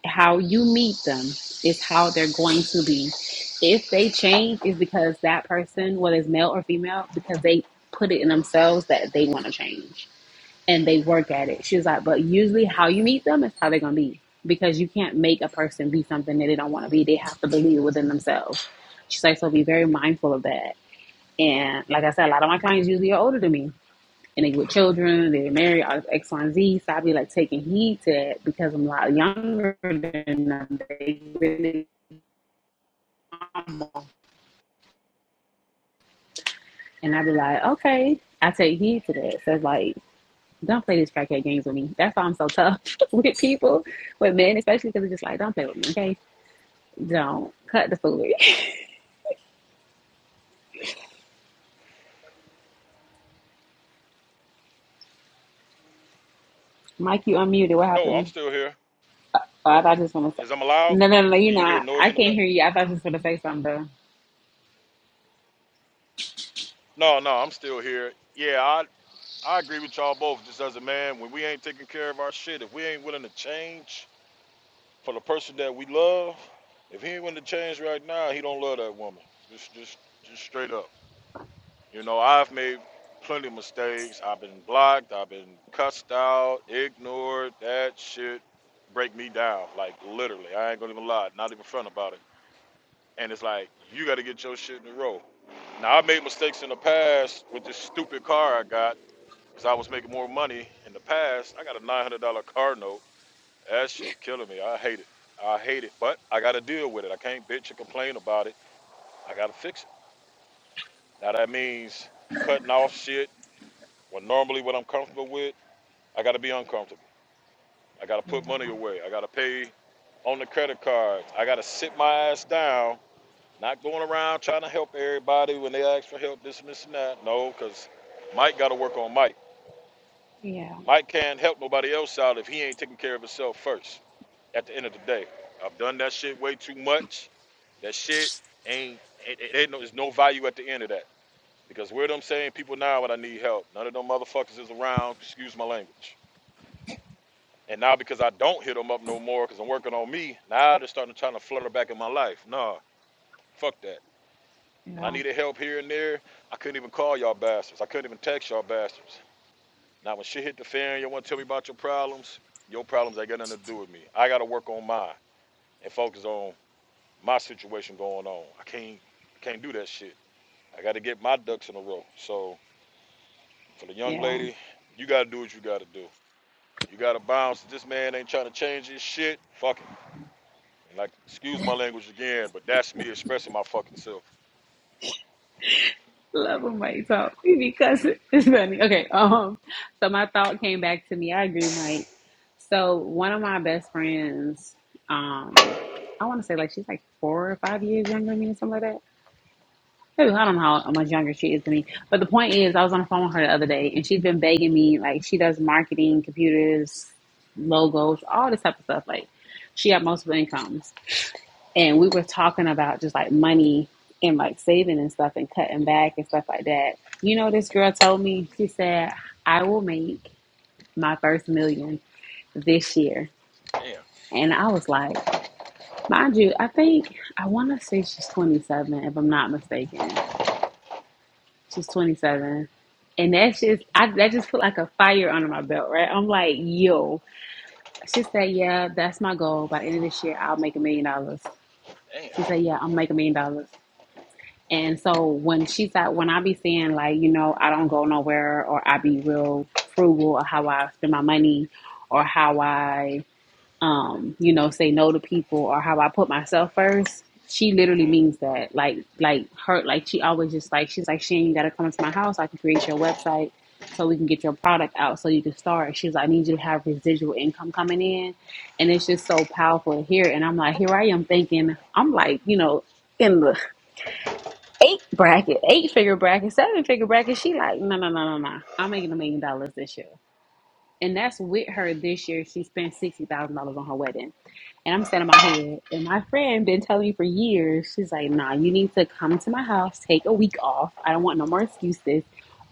Speaker 3: how you meet them is how they're going to be. If they change is because that person, whether it's male or female, because they put it in themselves that they want to change and they work at it. She was like, but usually how you meet them is how they're gonna be. Because you can't make a person be something that they don't want to be. They have to believe within themselves. She's like, so be very mindful of that and like I said, a lot of my clients usually are older than me. And they with children, they're married, all X, Y, and Z. So I be like taking heed to that because I'm a lot younger than them. They really And I be like, okay, I take heed to that. So it's like, don't play these crackhead games with me. That's why I'm so tough with people, with men, especially because it's just like, don't play with me, okay? Don't cut the food. Mike, you unmuted. What
Speaker 2: No, I'm
Speaker 3: happened?
Speaker 2: still here.
Speaker 3: Oh, I
Speaker 2: Oh,
Speaker 3: thought you was going to say.
Speaker 2: is I'm allowed?
Speaker 3: No, no, no, you're
Speaker 2: Can you hear
Speaker 3: not.
Speaker 2: noise
Speaker 3: I
Speaker 2: in the
Speaker 3: can't
Speaker 2: back?
Speaker 3: hear you. I thought you was going to say something, though.
Speaker 2: No, no, I'm still here. Yeah, I I agree with y'all both. Just as a man, when we ain't taking care of our shit, if we ain't willing to change for the person that we love, if he ain't willing to change right now, he don't love that woman. Just, just, just straight up. You know, I've made plenty of mistakes. I've been blocked. I've been cussed out, ignored. That shit break me down. Like literally, I ain't gonna even lie. Not even front about it. And it's like you got to get your shit in a row. Now I made mistakes in the past with this stupid car I got. Cause I was making more money in the past. I got a nine hundred dollar car note. That shit killing me. I hate it. I hate it. But I gotta deal with it. I can't bitch and complain about it. I gotta fix it. Now that means cutting off shit when normally what I'm comfortable with, I gotta be uncomfortable. I gotta put
Speaker 3: Yeah,
Speaker 2: money away. I gotta pay on the credit card. I gotta sit my ass down, not going around trying to help everybody when they ask for help, this and this and that. No, cause Mike gotta work on Mike.
Speaker 3: yeah,
Speaker 2: Mike can't help nobody else out if he ain't taking care of himself first. at the end of the day. I've done that shit way too much. That shit ain't it, it ain't no, there's no value at the end of that. Because where them saying people now when I need help, none of them motherfuckers is around, excuse my language. And now because I don't hit them up no more because I'm working on me, now they're starting to trying to flutter back in my life. Nah, fuck that. When I
Speaker 3: yeah.
Speaker 2: needed help here and there, I couldn't even call y'all bastards. I couldn't even text y'all bastards. Now when shit hit the fan, you wanna tell me about your problems? Your problems ain't got nothing to do with me. I gotta work on mine and focus on my situation going on. I can't I can't do that shit. I got to get my ducks in a row. So for the young
Speaker 3: Yeah,
Speaker 2: lady, you got to do what you got to do. You got to bounce. This man ain't trying to change his shit. Fuck him. And like, excuse my language again, but that's me expressing my fucking self.
Speaker 3: love when Mike talk because it's funny. Okay, um, so my thought came back to me. I agree, Mike. So one of my best friends, um, I want to say like she's like four or five years younger than me or something like that. Maybe I don't know how much younger she is than me. But the point is, I was on the phone with her the other day, and she's been begging me like she does marketing, computers, logos, all this type of stuff. Like she had multiple incomes. and we were talking about just like money and like saving and stuff and cutting back and stuff like that. You know, this girl told me, she said, I will make my first million this year.
Speaker 2: Damn.
Speaker 3: And I was like, mind you, I think I want to say she's 27, if I'm not mistaken. She's 27. And that's just, I, that just put like a fire under my belt, right? I'm like, yo. She said, yeah, that's my goal. By the end of this year, I'll make a million dollars.
Speaker 2: Damn.
Speaker 3: She said, yeah, I'll make a million dollars. And so when she's like, when I be saying like, you know, I don't go nowhere or I be real frugal or how I spend my money or how I, um, you know, say no to people or how I put myself first, she literally
Speaker 2: Mm-hmm.
Speaker 3: means that. Like, like her, like she always just like, she's like, Shane, you got to come to my house. I can create your website so we can get your product out so you can start. She's like, I need you to have residual income coming in. And it's just so powerful to hear. And I'm like, here I am thinking, I'm like, you know, in the eight bracket, eight figure bracket, seven figure bracket. She like, no, no, no, no, no. I'm making a million dollars this year. And that's with her this year. She spent sixty thousand dollars on her wedding. And I'm standing my head. And my friend been telling me for years, she's like, nah, you need to come to my house, take a week off. I don't want no more excuses.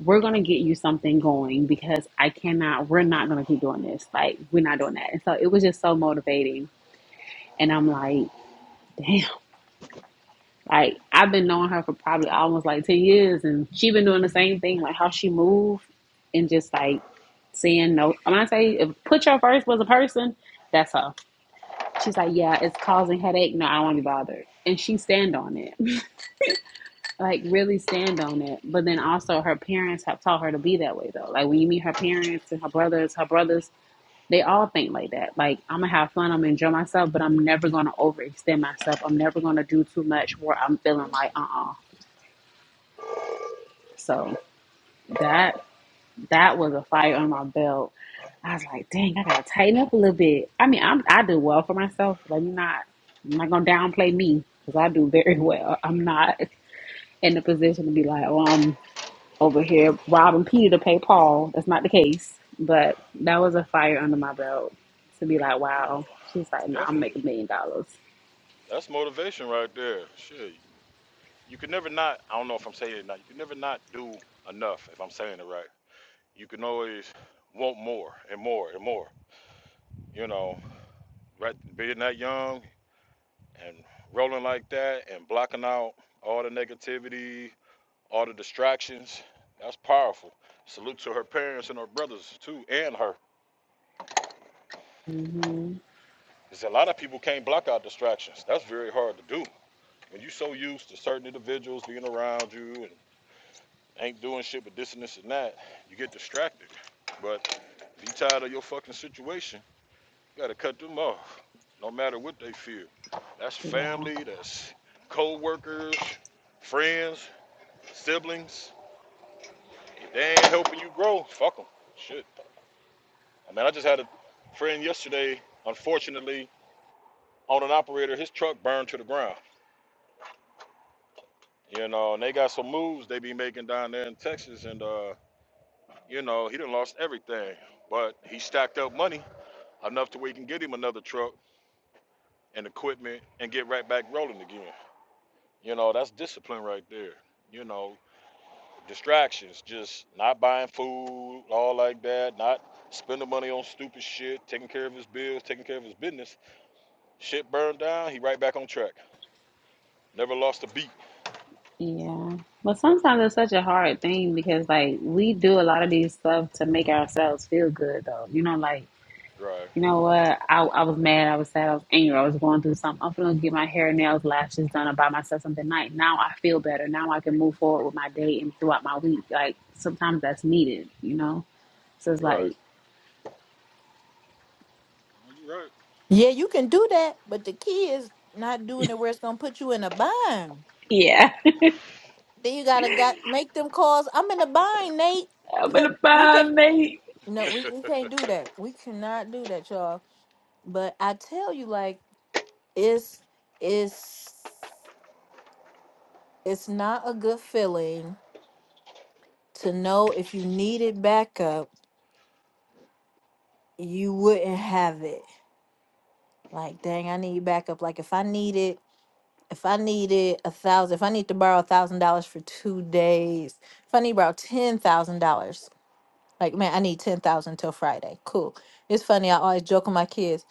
Speaker 3: We're gonna get you something going because I cannot we're not gonna keep doing this. Like we're not doing that. And so it was just so motivating. And I'm like, damn. Like I've been knowing her for probably almost like ten years, and she been doing the same thing, like how she moved and just like saying no. When I say if put your first was a person, that's her. She's like, yeah, it's causing headache. No, I don't want to be bothered, and she stand on it, like really stand on it. But then also her parents have taught her to be that way though. Like when you meet her parents and her brothers, her brothers. They all think like that. Like I'm gonna have fun, I'm gonna enjoy myself, but I'm never gonna overextend myself. I'm never gonna do too much where I'm feeling like uh uh. So That that was a fire on my belt. I was like, dang, I gotta tighten up a little bit. I mean, I'm I do well for myself. Let me not. I'm not gonna downplay me because I do very well. I'm not in the position to be like, oh, I'm over here robbing Peter to pay Paul. That's not the case. But that was a fire under my belt to be like,
Speaker 2: Well, no,
Speaker 3: wow. She's like, no, I'm
Speaker 2: definitely.
Speaker 3: making a million dollars.
Speaker 2: That's motivation right there. Shit. You could never not, I don't know if I'm saying it now, you could never not do enough if I'm saying it right. You can always want more and more and more. You know, right being that young, and rolling like that and blocking out all the negativity, all the distractions. That's powerful. Salute to her parents and her brothers too, and her.
Speaker 3: hmm
Speaker 2: Because a lot of people can't block out distractions. That's very hard to do. When you're so used to certain individuals being around you and ain't doing shit but this and this and that, you get distracted. But if you tired of your fucking situation, you gotta cut them off. No matter what they feel. That's
Speaker 3: Yeah.
Speaker 2: family, that's co-workers, friends, siblings. They ain't helping you grow. Fuck them. Shit. I mean, I just had a friend yesterday, unfortunately, on an operator, his truck burned to the ground. You know, and they got some moves they be making down there in Texas, and uh, you know, he done lost everything. But he stacked up money enough to where he can get him another truck and equipment and get right back rolling again. You know, that's discipline right there. You know, distractions, just not buying food, all like that, not spending money on stupid shit, taking care of his bills, taking care of his business Shit burned down, he right back on track. Never lost a beat.
Speaker 3: Yeah. But sometimes it's such a hard thing because like we do a lot of these stuff to make ourselves feel good though. You know, like,
Speaker 2: Right,
Speaker 3: you know what, I I was mad, I was sad, I was angry, I was going through something. I'm gonna get my hair, nails, lashes done or buy myself something nice. Now I feel better. Now I can move forward with my day and throughout my week. Like sometimes that's needed, you know? So it's
Speaker 2: right.
Speaker 3: like,
Speaker 2: You right.
Speaker 1: Yeah, you can do that, but the key is not doing it where it's gonna put you in a bind.
Speaker 3: Yeah.
Speaker 1: Then you gotta got make them calls. I'm in a bind, Nate.
Speaker 3: I'm gonna
Speaker 1: we can't
Speaker 3: bind, mate.
Speaker 1: no, we, we can't do that. We cannot do that, y'all. But I tell you, like, it's it's it's not a good feeling to know if you needed backup, you wouldn't have it. Like, dang, I need backup. Like if I needed if I needed a thousand, if I need to borrow a thousand dollars for two days, if I need to borrow ten thousand dollars, like man, I need ten thousand till Friday. Cool. It's funny. I always joke with my kids.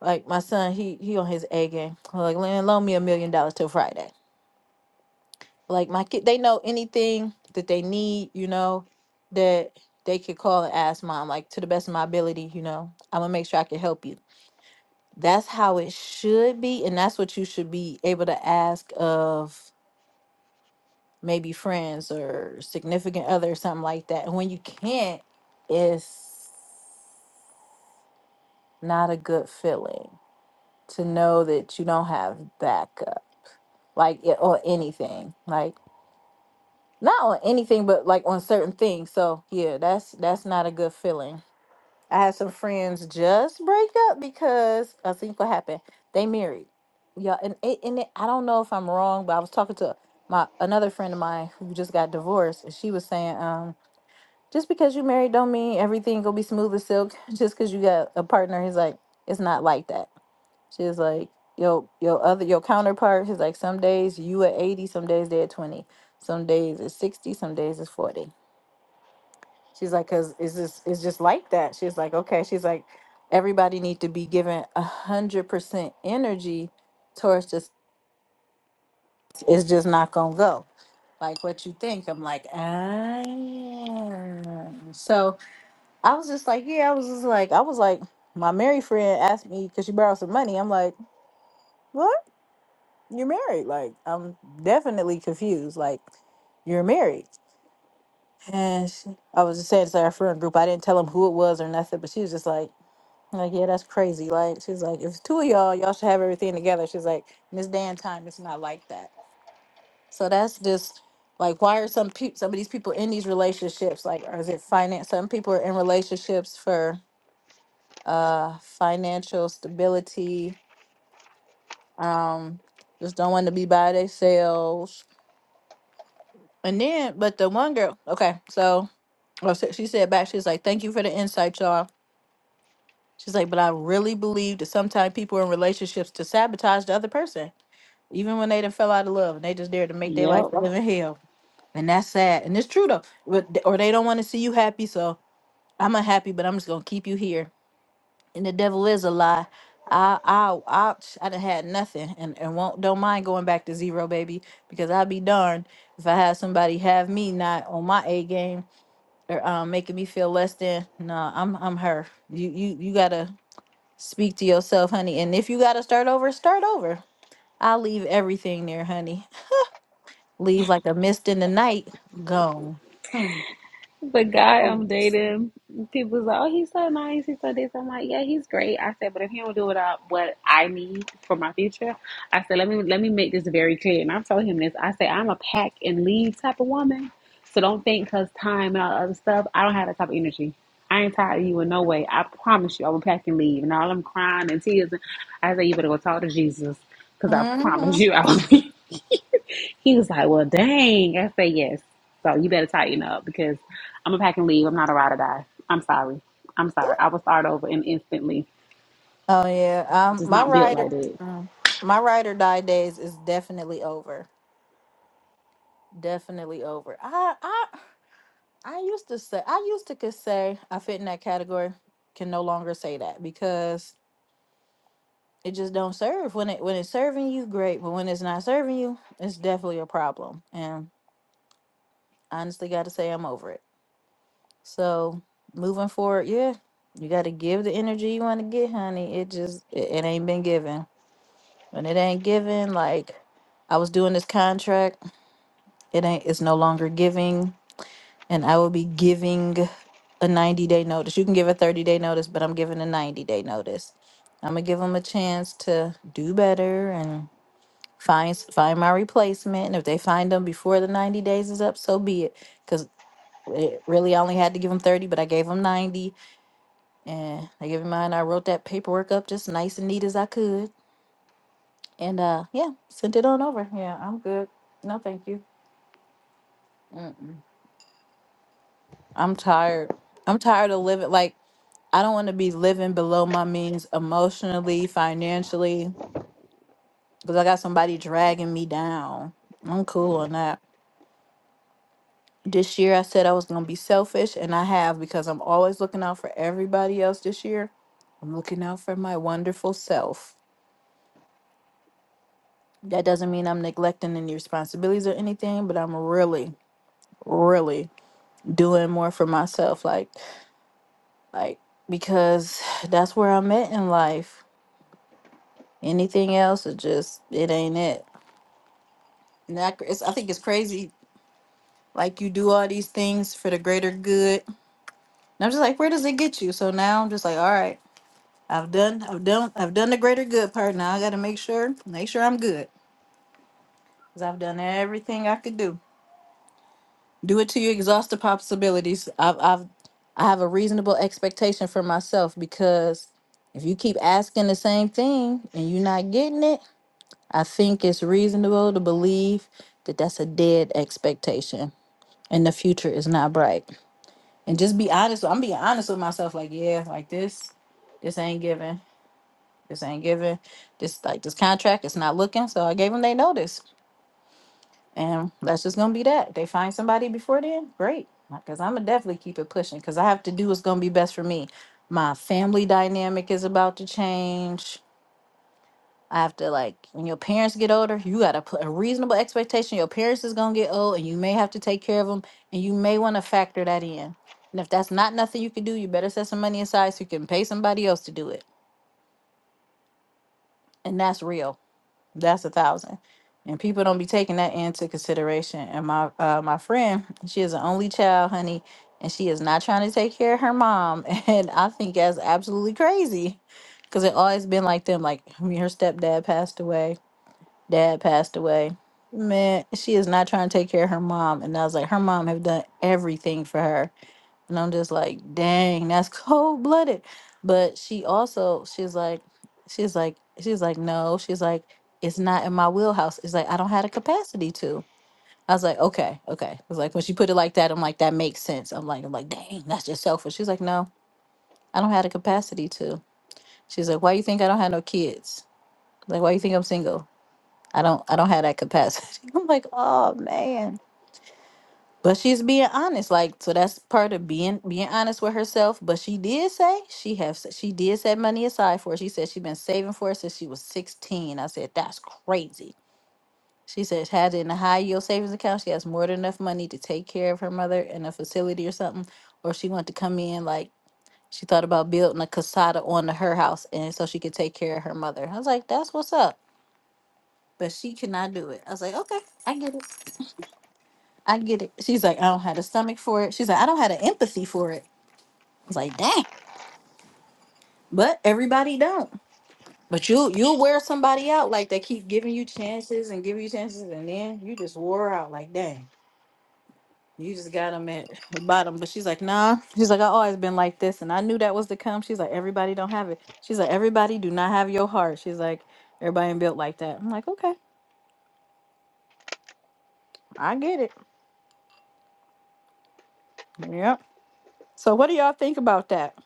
Speaker 1: Like my son, he he on his A game. Like "Lan, loan me a million dollars till Friday. Like my kid, they know anything that they need. You know that they could call and ask mom. Like to the best of my ability, you know, I'm gonna make sure I can help you. That's how it should be, and that's what you should be able to ask of maybe friends or significant other or something like that. And when you can't, it's not a good feeling to know that you don't have backup, like it- or anything, like not on anything, but like on certain things. So yeah, that's that's not a good feeling. I had some friends just break up because I think what happened. They married, yeah, and it, and it, I don't know if I'm wrong, but I was talking to my another friend of mine who just got divorced, and she was saying, um, just because you married don't mean everything gonna be smooth as silk. Just because you got a partner, he's like, it's not like that. She's like, yo, your other your counterpart, he's like, some days you at eighty, some days they at twenty, some days it's sixty, some days it's forty. She's like, cause it's just it's just like that. She's like, okay. She's like, everybody need to be given a hundred percent energy towards this. It's just not gonna go like what you think. I'm like, ah. So I was just like, yeah, I was just like, I was like, my married friend asked me because she borrowed some money. I'm like, what? You're married? Like, I'm definitely confused. Like, you're married. And she, I was just saying to our friend group, I didn't tell them who it was or nothing, but she was just like, like, yeah, that's crazy. Like, she's like, if it's two of y'all, y'all should have everything together. She's like, Miss Dan time, it's not like that. So that's just like, why are some people, some of these people in these relationships? Like, or is it finance? Some people are in relationships for uh, financial stability. Um, just don't want to be by themselves. And then, but the one girl, okay, so oh, so she said back, she's like, "Thank you for the insight, y'all." She's like, "But I really believe that sometimes people in relationships to sabotage the other person, even when they done fell out of love, and they just there to make their life
Speaker 3: Yep.
Speaker 1: live in hell." And that's sad, and it's true though. But, or they don't want to see you happy, so I'm unhappy, but I'm just gonna keep you here and the devil is a lie. I I I I done had nothing, and and won't don't mind going back to zero, baby, because I'd be darned if I had somebody have me not on my A game or um making me feel less than. No, I'm I'm her. You you you gotta speak to yourself, honey. And if you gotta start over, start over. I leave everything there, honey. Leave like a mist in the night, gone.
Speaker 3: The guy I'm dating, people's like, "Oh, he's so nice. He's so this." I'm like, "Yeah, he's great." I said, "But if he don't do what I what I need for my future, I said, let me let me make this very clear." And I told him this. I said, "I'm a pack and leave type of woman, so don't think think because time and all the other stuff, I don't have that type of energy. I ain't tired of you in no way. I promise you, I will pack and leave." And all I'm crying and tears, I said, "You better go talk to Jesus because I
Speaker 1: hmm
Speaker 3: promise you, I will." be." He was like, Well, dang. I said, Yes. So you better tighten up because I'm a pack and leave. I'm not a ride or die. I'm sorry. I'm sorry. I will start over and instantly
Speaker 1: Oh yeah, um,
Speaker 3: just
Speaker 1: my
Speaker 3: not built
Speaker 1: rider,
Speaker 3: like that.
Speaker 1: mm, my ride or die days is definitely over. Definitely over. I I I used to say I used to could say I fit in that category. Can no longer say that because it just don't serve. When it when it's serving you, great, but when it's not serving you, it's definitely a problem. And I honestly got to say I'm over it. So moving forward, yeah, you got to give the energy you want to get, honey. It just it, it ain't been given. When it ain't given, like I was doing this contract, it ain't. It's no longer giving and I will be giving a 90 day notice. You can give a 30 day notice, but I'm giving a 90 day notice. I'm gonna give them a chance to do better and find s- find my replacement. And if they find them before the 90 days is up, so be it. Cause it really I only had to give them 30, but I gave them 90, and I gave them mine. I wrote that paperwork up just nice and neat as I could, and uh, yeah, sent it on over. Yeah, I'm good. No, thank you. Mm-mm. I'm tired. I'm tired of living like I don't want to be living below my means emotionally, financially, because I got somebody dragging me down. I'm cool on that. This year I said I was gonna be selfish and I have because I'm always looking out for everybody else this year. I'm looking out for my wonderful self. That doesn't mean I'm neglecting any responsibilities or anything, but I'm really, really doing more for myself. Like like because that's where I'm at in life. Anything else is just it ain't it. And that, it's, I think it's crazy. Like you do all these things for the greater good. And I'm just like, where does it get you? So now I'm just like, all right, I've done, I've done, I've done the greater good part. Now I got to make sure, make sure I'm good, cause I've done everything I could do. Do it till you exhaust the possibilities. I've, I've, I have a reasonable expectation for myself because if you keep asking the same thing and you're not getting it I think it's reasonable to believe that that's a dead expectation and the future is not bright. And just be honest. I'm being honest with myself. Like, yeah, like this, this ain't giving. This ain't giving. This like this contract is not looking. So I gave them they notice, and that's just gonna be that. They find somebody before then, great. Because I'm gonna definitely keep it pushing. Because I have to do what's gonna be best for me. My family dynamic is about to change after like when your parents get older you got to put a reasonable expectation your parents is going to get old and you may have to take care of them and you may want to factor that in and if that's not nothing you can do you better set some money aside so you can pay somebody else to do it and that's real that's a thousand and people don't be taking that into consideration and my uh, my friend she is an only child honey and she is not trying to take care of her mom and i think that's absolutely crazy because it always been like them like i mean her stepdad passed away dad passed away. Man, she is not trying to take care of her mom. And I was like, her mom have done everything for her. And I'm just like, dang, that's cold blooded. But she also, she's like, she's like, she's like, no, she's like, it's not in my wheelhouse. It's like, I don't have the capacity to. I was like, okay, okay. It's like when she put it like that, I'm like, that makes sense. I'm like, I'm like, dang, that's just selfish. She's like, no, I don't have the capacity to. She's like, why you think I don't have no kids? Like, why you think I'm single? I don't I don't have that capacity. I'm like, oh man. But she's being honest, like so that's part of being being honest with herself. But she did say she have she did set money aside for it. She said she's been saving for it since she was 16. I said that's crazy. She said she had it in a high yield savings account. She has more than enough money to take care of her mother in a facility or something. Or she wanted to come in like she thought about building a casada on to her house and so she could take care of her mother. I was like, that's what's up. But she cannot do it. I was like, okay, I get it. I get it. She's like, I don't have the stomach for it. She's like, I don't have the empathy for it. I was like, dang. But everybody don't. But you you wear somebody out like they keep giving you chances and giving you chances, and then you just wore her out like dang. You just got them at the bottom. But she's like, nah. She's like, I always been like this, and I knew that was to come. She's like, everybody don't have it. She's like, everybody do not have your heart. She's like, everybody ain't built like that. I'm like, okay, I get it. Yep. So what do y'all think about that?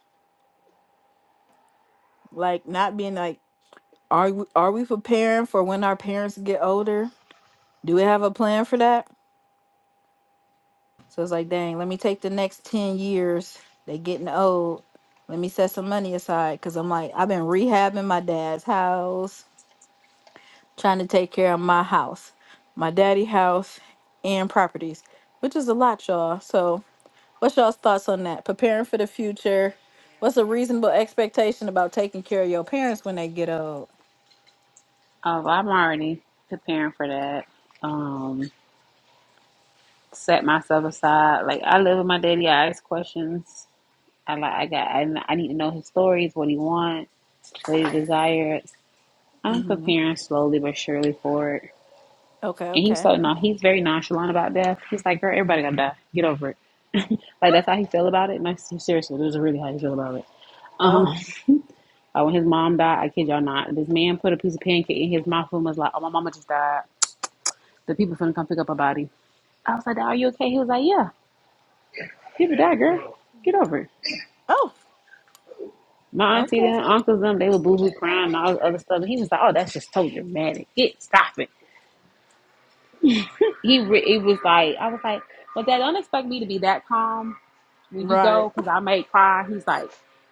Speaker 1: Like not being like Are we, are we preparing for when our parents get older? Do we have a plan for that? So it's like, dang, let me take the next 10 years. They getting old. Let me set some money aside cuz I'm like, I've been rehabbing my dad's house, trying to take care of my house, my daddy house and properties, which is a lot, y'all. So, what's y'all's thoughts on that? Preparing for the future. What's a reasonable expectation about taking care of your parents when they get old?
Speaker 3: Uh, well, I'm already preparing for that. Um, set myself aside. Like, I live with my daddy. I ask questions. I like, I got, I, I need to know his stories, what he wants, what he desires. I'm
Speaker 1: Mhm.
Speaker 3: preparing slowly but surely for it.
Speaker 1: Okay,
Speaker 3: And he's
Speaker 1: okay.
Speaker 3: so, no, he's very nonchalant about death. He's like, girl, everybody got to die. Get over it. Like that's how he feel about it. Like seriously, this is really how he feel about it. Um,
Speaker 1: Oh.
Speaker 3: like when his mom died, I kid y'all not. This man put a piece of pancake in his mouth and was like, "Oh, my mama just died. The people finna come pick up her body." I was like, "Are you okay?" He was like, "Yeah, people died, girl. Get over it."
Speaker 1: Oh,
Speaker 3: My auntie,
Speaker 1: okay.
Speaker 3: them uncles, them, they were boo hoo crying and all this other stuff. And he was like, "Oh, that's just so dramatic. Get stop it." He re- it was like, I was like, "But dad, don't expect me to be that calm when you go,
Speaker 1: Right.
Speaker 3: cause I might cry." He's like,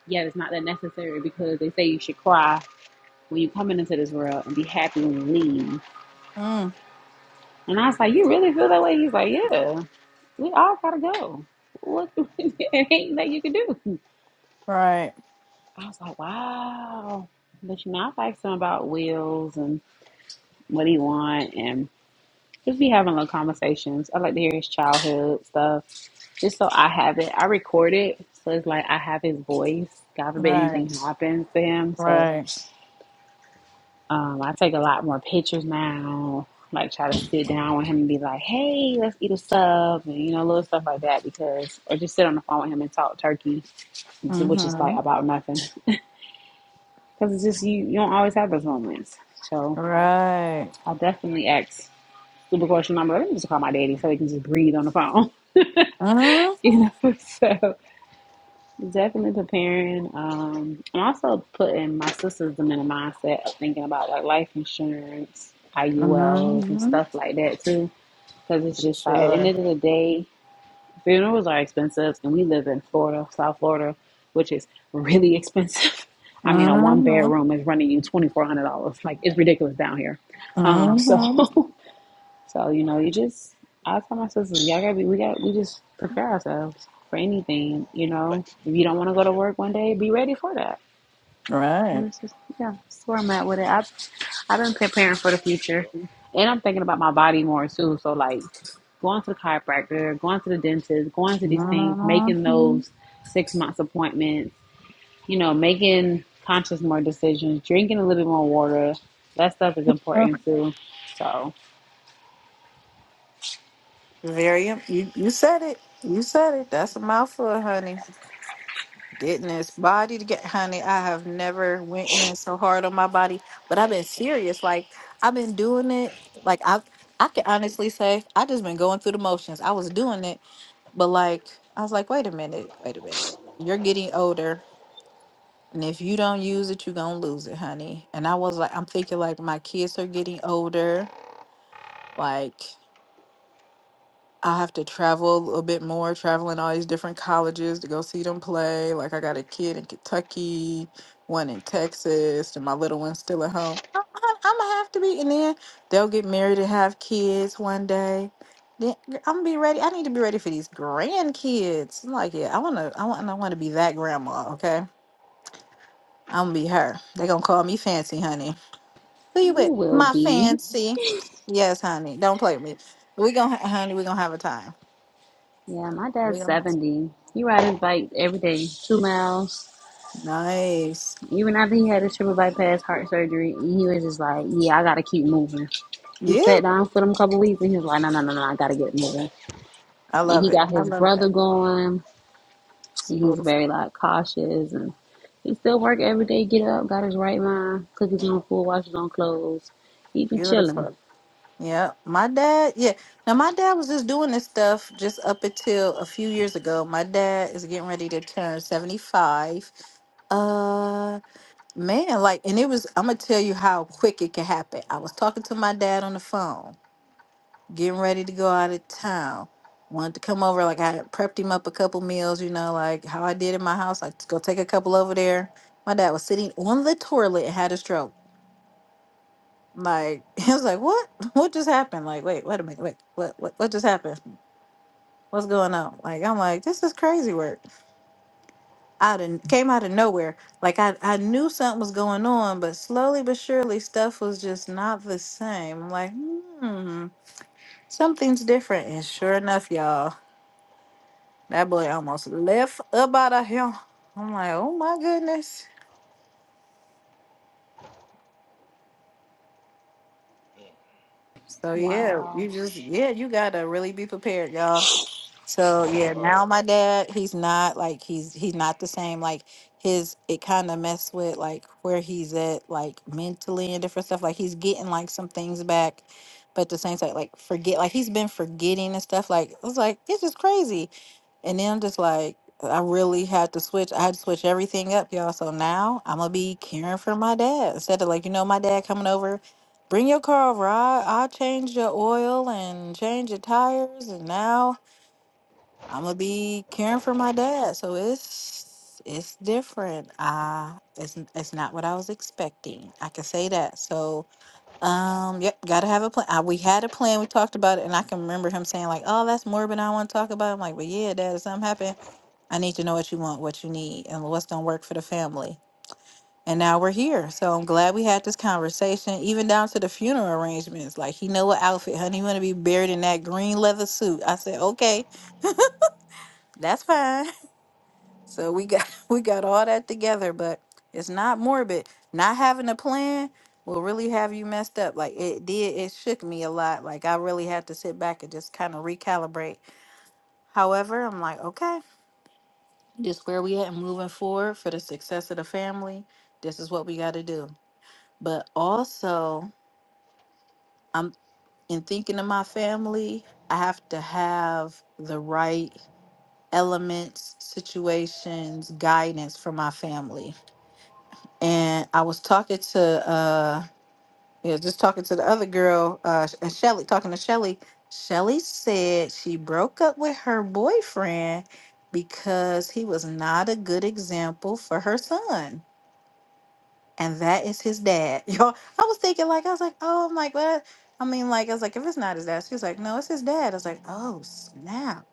Speaker 3: "Yeah, it's not that necessary because they say you should cry." when you coming into this world and be happy when you leave.
Speaker 1: Mm.
Speaker 3: And I was like, you really feel that way? He's like, yeah, we all gotta go. What it ain't that you can do?
Speaker 1: Right.
Speaker 3: I was like, wow. But you know, I like some about wills and what he want and just be having little conversations. I like to hear his childhood stuff just so I have it. I record it, so it's like I have his voice. God forbid
Speaker 1: Right.
Speaker 3: anything happens to him, so
Speaker 1: Right.
Speaker 3: Um, I take a lot more pictures now. Like try to sit down with him and be like, "Hey, let's eat a sub," and you know, little stuff like that. Because or just sit on the phone with him and talk turkey, which is like
Speaker 1: Mm-hmm.
Speaker 3: about nothing. Because it's just you. You don't always have those moments. So
Speaker 1: Right.
Speaker 3: I'll definitely ask super question number. Let me just call my daddy so he can just breathe on the phone.
Speaker 1: Mm-hmm.
Speaker 3: You know, so definitely preparing. Um, and also putting my sisters in the mindset of thinking about like life insurance, IULs, and
Speaker 1: Mm-hmm.
Speaker 3: stuff like that too Because it's
Speaker 1: For
Speaker 3: just like at the
Speaker 1: sure.
Speaker 3: end of the day, funerals are expensive, and we live in Florida, South Florida, which is really expensive. I mean, a one
Speaker 1: Mm-hmm.
Speaker 3: bedroom is running you twenty four hundred dollars. Like it's ridiculous down here. Um, so,
Speaker 1: Mm-hmm.
Speaker 3: so you know, you just I tell my sisters, y'all gotta be, we got, we just prepare ourselves for anything. You know,
Speaker 2: Thanks.
Speaker 3: if you don't want to go to
Speaker 2: Appreciate it.
Speaker 3: work one day, be ready for that. And
Speaker 1: Right.
Speaker 3: That's just, yeah, that's where I'm at with it. I've, I've
Speaker 2: There
Speaker 3: been
Speaker 2: you
Speaker 3: preparing for the future.
Speaker 2: go.
Speaker 3: And I'm thinking about my body more too. So, like, going to the chiropractor, going to the dentist, going to these things, making
Speaker 1: Mm-hmm.
Speaker 3: those six months appointments, you know, making conscious more decisions, drinking a little bit more water. That stuff is important too. So,
Speaker 1: Very. You, you said it. You said it. That's a mouthful, honey. Getting this body to get, honey. I have never went in so hard on my body, but I've been serious. Like I've been doing it. Like I, I can honestly say I just been going through the motions. I was doing it, but like I was like, wait a minute, wait a minute. You're getting older, and if you don't use it, you're gonna lose it, honey. And I was like, I'm thinking like my kids are getting older, like. I have to travel a little bit more, traveling all these different colleges to go see them play. Like I got a kid in Kentucky, one in Texas, and my little one's still at home. I'm, I'm gonna have to be, and then they'll get married and have kids one day. Then I'm gonna be ready. I need to be ready for these grandkids. I'm like, yeah, I wanna, I want, I want to be that grandma. Okay, I'm gonna be her. They gonna call me fancy, honey. Who you
Speaker 3: you
Speaker 1: with?
Speaker 3: will
Speaker 1: My
Speaker 3: be.
Speaker 1: fancy. Yes, honey. Don't play with me. We gonna, honey. We gonna have a time.
Speaker 3: Yeah, my
Speaker 1: We
Speaker 3: dad's
Speaker 1: gonna.
Speaker 3: 70. He rides his bike every day, two miles.
Speaker 1: Nice.
Speaker 3: Even after he had his triple bypass heart surgery, he was just like, yeah, I got to keep moving. He
Speaker 1: Yeah,
Speaker 3: sat down for them couple weeks and he was like, no, no, no, no, I gotta get moving.
Speaker 1: I
Speaker 3: And
Speaker 1: love
Speaker 3: he
Speaker 1: it.
Speaker 3: got
Speaker 1: I
Speaker 3: his
Speaker 1: love
Speaker 3: brother
Speaker 1: that.
Speaker 3: going
Speaker 1: It's
Speaker 3: and he's very
Speaker 1: beautiful.
Speaker 3: like cautious and he still work every day, get up, got his right mind, cook his own food, wash his own clothes. He been chilling.
Speaker 1: Beautiful. Yeah. My dad, yeah. Now my dad was just doing this stuff just up until a few years ago. My dad is getting ready to turn 75. Uh man, like and it was I'm gonna tell you how quick it can happen. I was talking to my dad on the phone getting ready to go out of town. Wanted to come over, like I had prepped him up a couple meals, you know, like how I did in my house. Like, go take a couple over there. My dad was sitting on the toilet and had a stroke. Like, he was like, "What? What just happened? Like, wait, wait a minute, wait, what, what, what just happened? What's going on?" Like, I'm like, "This is crazy work." Out of came out of nowhere. Like, I I knew something was going on, but slowly but surely, stuff was just not the same. I'm like, "Hmm, something's different." And sure enough, y'all. That boy almost left up out of here. I'm like, oh my goodness.
Speaker 2: Yep. Mm,
Speaker 1: So yeah,
Speaker 3: Wow.
Speaker 1: you just yeah,
Speaker 2: shit.
Speaker 1: you gotta really be prepared, y'all. So yeah,
Speaker 2: Oh,
Speaker 1: now my dad, he's not like he's he's not the same. Like his it kind of messed with like where he's at, like mentally and different stuff. Like he's getting like some things back, but at the same time, like forget like he's been forgetting and stuff. Like it was like it's just crazy. And then I'm just like, I really had to switch. I had to switch everything up, y'all. So now I'm gonna be caring for my dad instead of like, you know, my dad coming over, bring your car over. I I change your oil and change your tires, and now I'm gonna be caring for my dad, so it's it's different. Uh it's it's not what I was expecting. I can say that. So, um, yep, gotta have a plan. Uh, we had a plan. We talked about it, and I can remember him saying like, "Oh, that's morbid. I don't want to talk about." It. I'm like, "But yeah, dad, if something happened, I need to know what you want, what you need, and what's gonna work for the family." And now we're here, so I'm glad we had this conversation, even down to the funeral arrangements. Like, he know what outfit, honey. You want to be buried in that green leather suit? I said, "Okay, that's fine." So we got we got all that together, but it's not morbid. Not having a plan will really have you messed up. Like it did, it shook me a lot. Like I really had to sit back and just kind of recalibrate. However, I'm like, okay, just where we at and moving forward for the success of the family. This is what we got to do. But also, I'm in thinking of my family. I have to have the right elements, situations, guidance for my family and I was talking to uh yeah, just talking to the other girl, uh and Shelly, talking to Shelly. Shelly said she broke up with her boyfriend because he was not a good example for her son. And that is his dad. Y'all I was thinking like I was like, oh I'm like what? I mean like I was like, if it's not his dad, she was like, no, it's his dad. I was like, oh snap.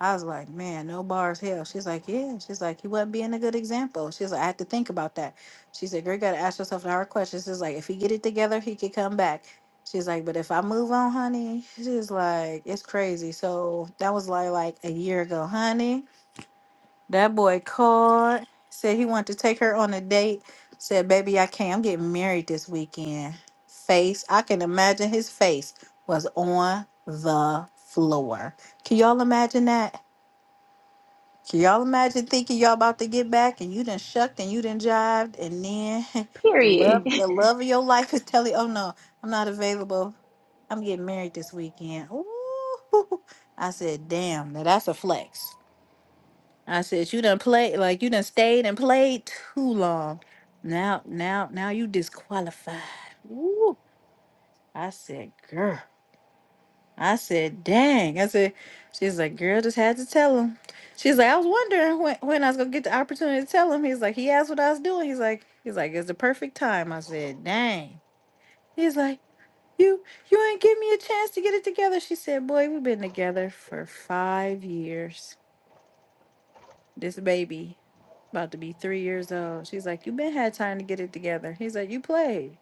Speaker 1: I was like, man, no bars hell. She's like, yeah. She's like, he wasn't being a good example. She's like, I had to think about that. She said, girl, you gotta ask yourself the hard questions. She's like, if he get it together, he could come back. She's like, but if I move on, honey, she's like, it's crazy. So that was like like a year ago, honey. That boy called, said he wanted to take her on a date. Said, baby, I can't. I'm getting married this weekend. Face, I can imagine his face was on the floor. Can y'all imagine that? Can y'all imagine thinking y'all about to get back and you done shucked and you done jived and then the
Speaker 3: Period.
Speaker 1: love the love of your life is telling you, oh no, I'm not available. I'm getting married this weekend. Ooh. I said, damn, now that's a flex. I said, you done played like you done stayed and played too long. Now now now you disqualified. Ooh. I said, girl. I said, dang. I said, she's like, girl, just had to tell him. She's like, I was wondering when, when I was gonna get the opportunity to tell him. He's like, he asked what I was doing. He's like, he's like, it's the perfect time. I said, dang. He's like, you you ain't give me a chance to get it together. She said, boy, we've been together for five years. This baby about to be three years old. She's like, you been had time to get it together. He's like, you played.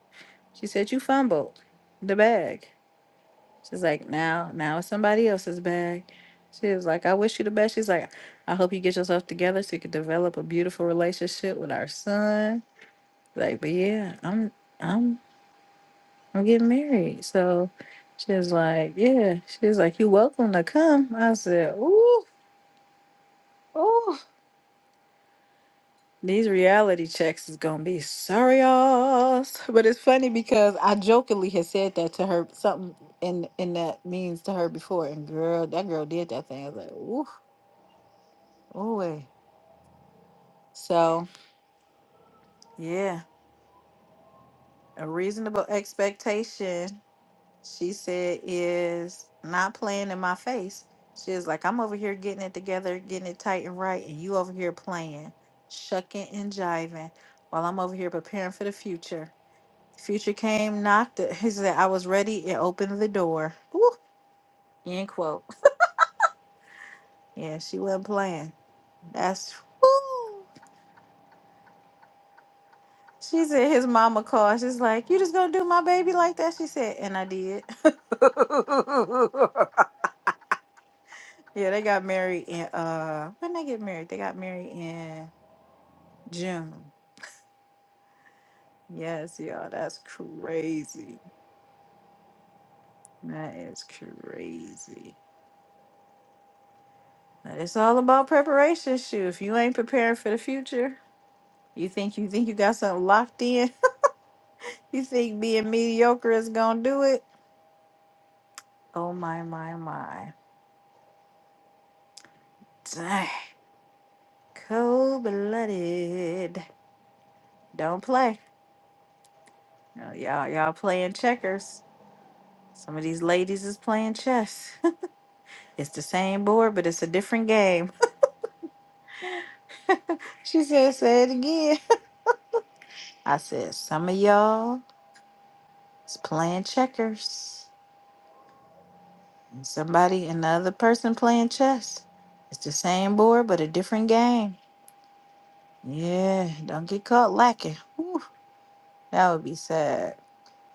Speaker 1: She said, you fumbled the bag. She's like, now, now it's somebody else's bag. She was like, I wish you the best. She's like, I hope you get yourself together so you can develop a beautiful relationship with our son. Like, but yeah, I'm, I'm, I'm getting married. So she was like, yeah. She was like, you welcome to come. I said, ooh, ooh. These reality checks is gonna be serious. But it's funny because I jokingly had said that to her, something in in that means to her before, and girl, that girl did that thing. I was like, ooh. Ooh. So yeah, a reasonable expectation, she said, is not playing in my face. She is like, I'm over here getting it together, getting it tight and right, and you over here playing, shucking and jiving, while I'm over here preparing for the future. Future came, knocked it. He said, I was ready and opened the door. Woo! End quote. Yeah, she wasn't playing. That's woo. She said his mama called. She's like, "You just gonna do my baby like that?" She said, and I did. yeah, they got married in uh when they get married, they got married in June. Yes, y'all, that's crazy. That is crazy. But it's all about preparation, shoot. If you ain't preparing for the future, you think you think you got something locked in. you think being mediocre is gonna do it? Oh my my my. Dang. Cold blooded. Don't play. No, Y'all, y'all playing checkers. Some of these ladies is playing chess. it's the same board, but it's a different game. she said, say it again. I said, some of y'all is playing checkers. And somebody, another person playing chess. It's the same board, but a different game. Yeah, don't get caught lacking. Whew, that would be sad.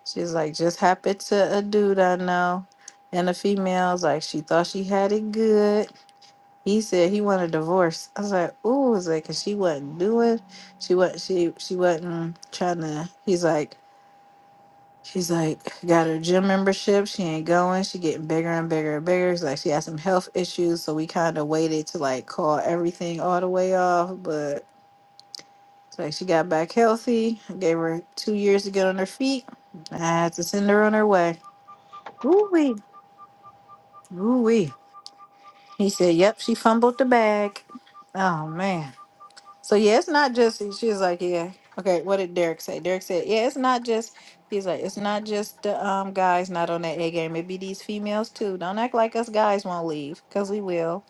Speaker 1: She's like, just happened to a dude I know. And the female's like, she thought she had it good. He said he wanted a divorce. I was like, ooh, is like 'cause she wasn't doing, she was she she wasn't trying to. He's like, she's like, got her gym membership. She ain't going. She getting bigger and bigger and bigger. It's like she had some health issues, so we kind of waited to like call everything all the way off. But it's like she got back healthy. I gave her two years to get on her feet. I had to send her on her way. Ooh Ooh wee. He said, Yep, she fumbled the bag. Oh man. So yeah, it's not just she's like, Yeah. Okay, what did Derek say? Derek said, Yeah, it's not just he's like, it's not just the um guys not on that A game. It be these females too. Don't act like us guys won't leave, because we will.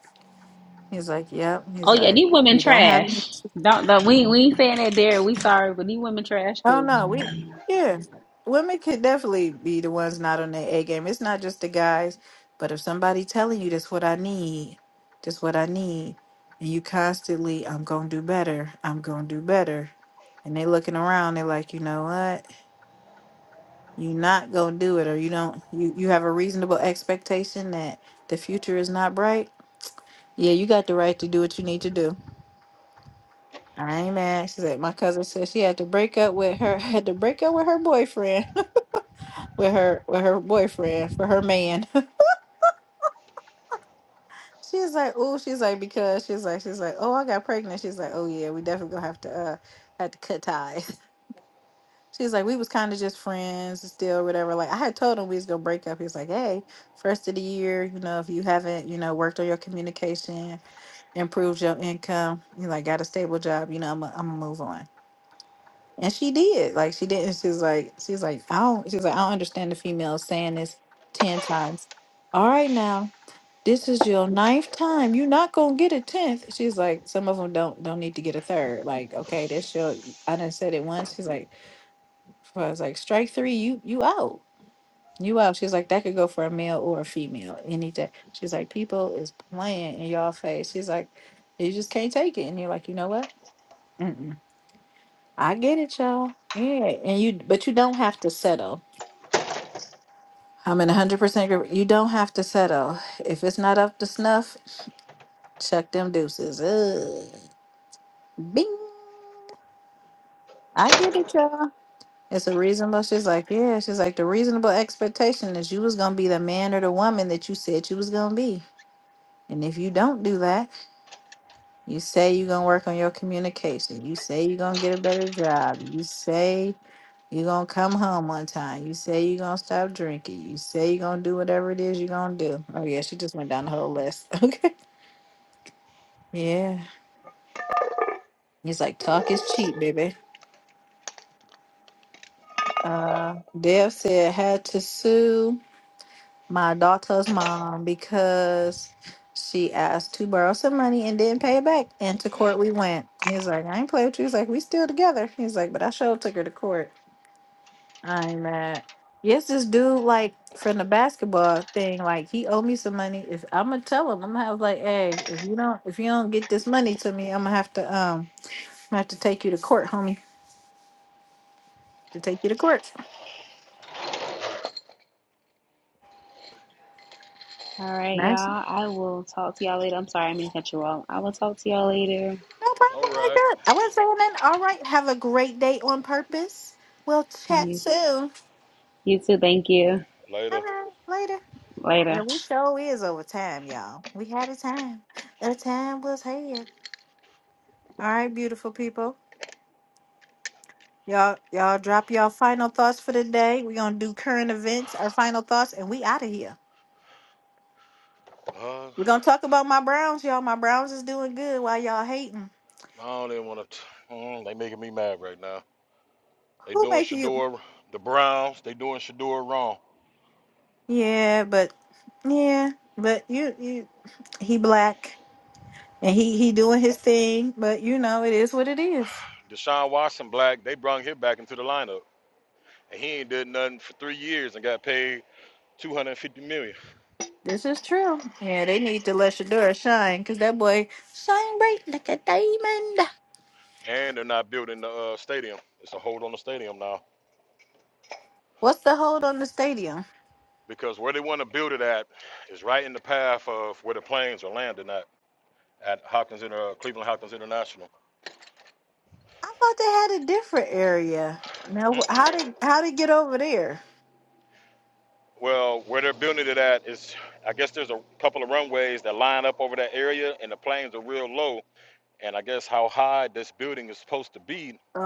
Speaker 1: He's like, Yep. He's
Speaker 3: Oh yeah,
Speaker 1: like,
Speaker 3: these women
Speaker 1: we don't have
Speaker 3: trash. Don't, don't we we ain't saying that there, we sorry, but these women trash
Speaker 1: Oh
Speaker 3: too.
Speaker 1: no, we yeah. Women could definitely be the ones not on their A game. It's not just the guys, but if somebody telling you that's what I need, that's what I need, and you constantly, I'm gonna do better, I'm gonna do better, and they looking around, they're like, you know what, you not gonna do it, or you don't, you you have a reasonable expectation that the future is not bright. Yeah, you got the right to do what you need to do. I ain't mad. She said my cousin said she had to break up with her had to break up with her boyfriend with her with her boyfriend for her man. she's like, oh, she's like because she's like she's like, oh, I got pregnant. She's like, oh yeah, we definitely gonna have to uh have to cut ties. She's like, we was kind of just friends still, whatever. Like I had told him we was gonna break up. He was like, hey, first of the year, you know, if you haven't, you know, worked on your communication, improved your income, you like got a stable job, you know, I'm gonna I'm move on. And she did. Like she didn't. She's like she's like I don't. She's like I don't understand the females saying this ten times. All right now, this is your ninth time. You're not gonna get a tenth. She's like some of them don't don't need to get a third. Like okay, that's your. I done said it once. She's like I was like strike three. You you out. You out. She's like that could go for a male or a female any day. She's like people is playing in y'all face. She's like you just can't take it. And you're like you know what? I get it, y'all. Yeah, and you, but you don't have to settle. I'm in 100% agree. You don't have to settle. If it's not up to snuff, chuck them deuces. Ugh. Bing. I get it, y'all. It's a reasonable. She's like, yeah. She's like, the reasonable expectation is you was gonna be the man or the woman that you said you was gonna be. And if you don't do that, you say you're gonna work on your communication. You say you're gonna get a better job. You say You're gonna come home one time. You say you're gonna stop drinking. You say you're gonna do whatever it is you're gonna do. Oh yeah, she just went down the whole list. Okay. Yeah. He's like, talk is cheap, baby. Uh Dev said had to sue my daughter's mom because she asked to borrow some money and didn't pay it back. And to court we went. He's like, I ain't play with you. He's like, we still together. He's like, but I sure took her to court. I'm mad. Yes, this dude like from the basketball thing, like he owe me some money. If I'm gonna tell him, I'm gonna have like, hey, if you don't if you don't get this money to me, I'm gonna have to um I'm gonna have to take you to court, homie. To take you to court.
Speaker 3: All right,
Speaker 1: Nice.
Speaker 3: y'all. I will talk to y'all later. I'm sorry, I mean to cut you off. I will talk to y'all later.
Speaker 1: No
Speaker 2: all
Speaker 1: problem, I
Speaker 2: right.
Speaker 1: got. I was not saying that. all right, have a great day on purpose. We'll chat
Speaker 3: You,
Speaker 1: soon.
Speaker 3: you too, thank you.
Speaker 1: All
Speaker 2: Later.
Speaker 1: right, later.
Speaker 3: Later.
Speaker 1: Yeah, we show is over time, y'all. We had a time. A time was had. All right, beautiful people. Y'all, y'all drop y'all final thoughts for the day. We're gonna do current events, our final thoughts, and we out of here.
Speaker 2: Uh,
Speaker 1: We're gonna talk about my Browns, y'all. My Browns is doing good while y'all hating.
Speaker 2: I don't even want to. Mm, they making me mad right now. They
Speaker 1: Who
Speaker 2: doing
Speaker 1: make you?
Speaker 2: Shador, the Browns. They doing Shador wrong.
Speaker 1: Yeah, but yeah, but you, you he black and he he doing his thing, but you know it is what it is.
Speaker 2: Deshaun Watson, black. They brought him back into the lineup, and he ain't did nothing for three years and got paid 250 million. dollars.
Speaker 1: This is true. Yeah, they need to let Shadura shine because that boy shine bright like a diamond.
Speaker 2: And they're not building the uh, stadium. It's a hold on the stadium now.
Speaker 1: What's the hold on the stadium?
Speaker 2: because where they want to build it at is right in the path of where the planes are landing at at Hopkins Inter, uh, Cleveland Hopkins International.
Speaker 1: I thought they had a different area. Now,
Speaker 2: Mm.
Speaker 1: how did how did get over there?
Speaker 2: Well, where they're building it at is, I guess there's a couple of runways that line up over that area, and the planes are real low. And I guess how high this building is supposed to be,
Speaker 1: Oh,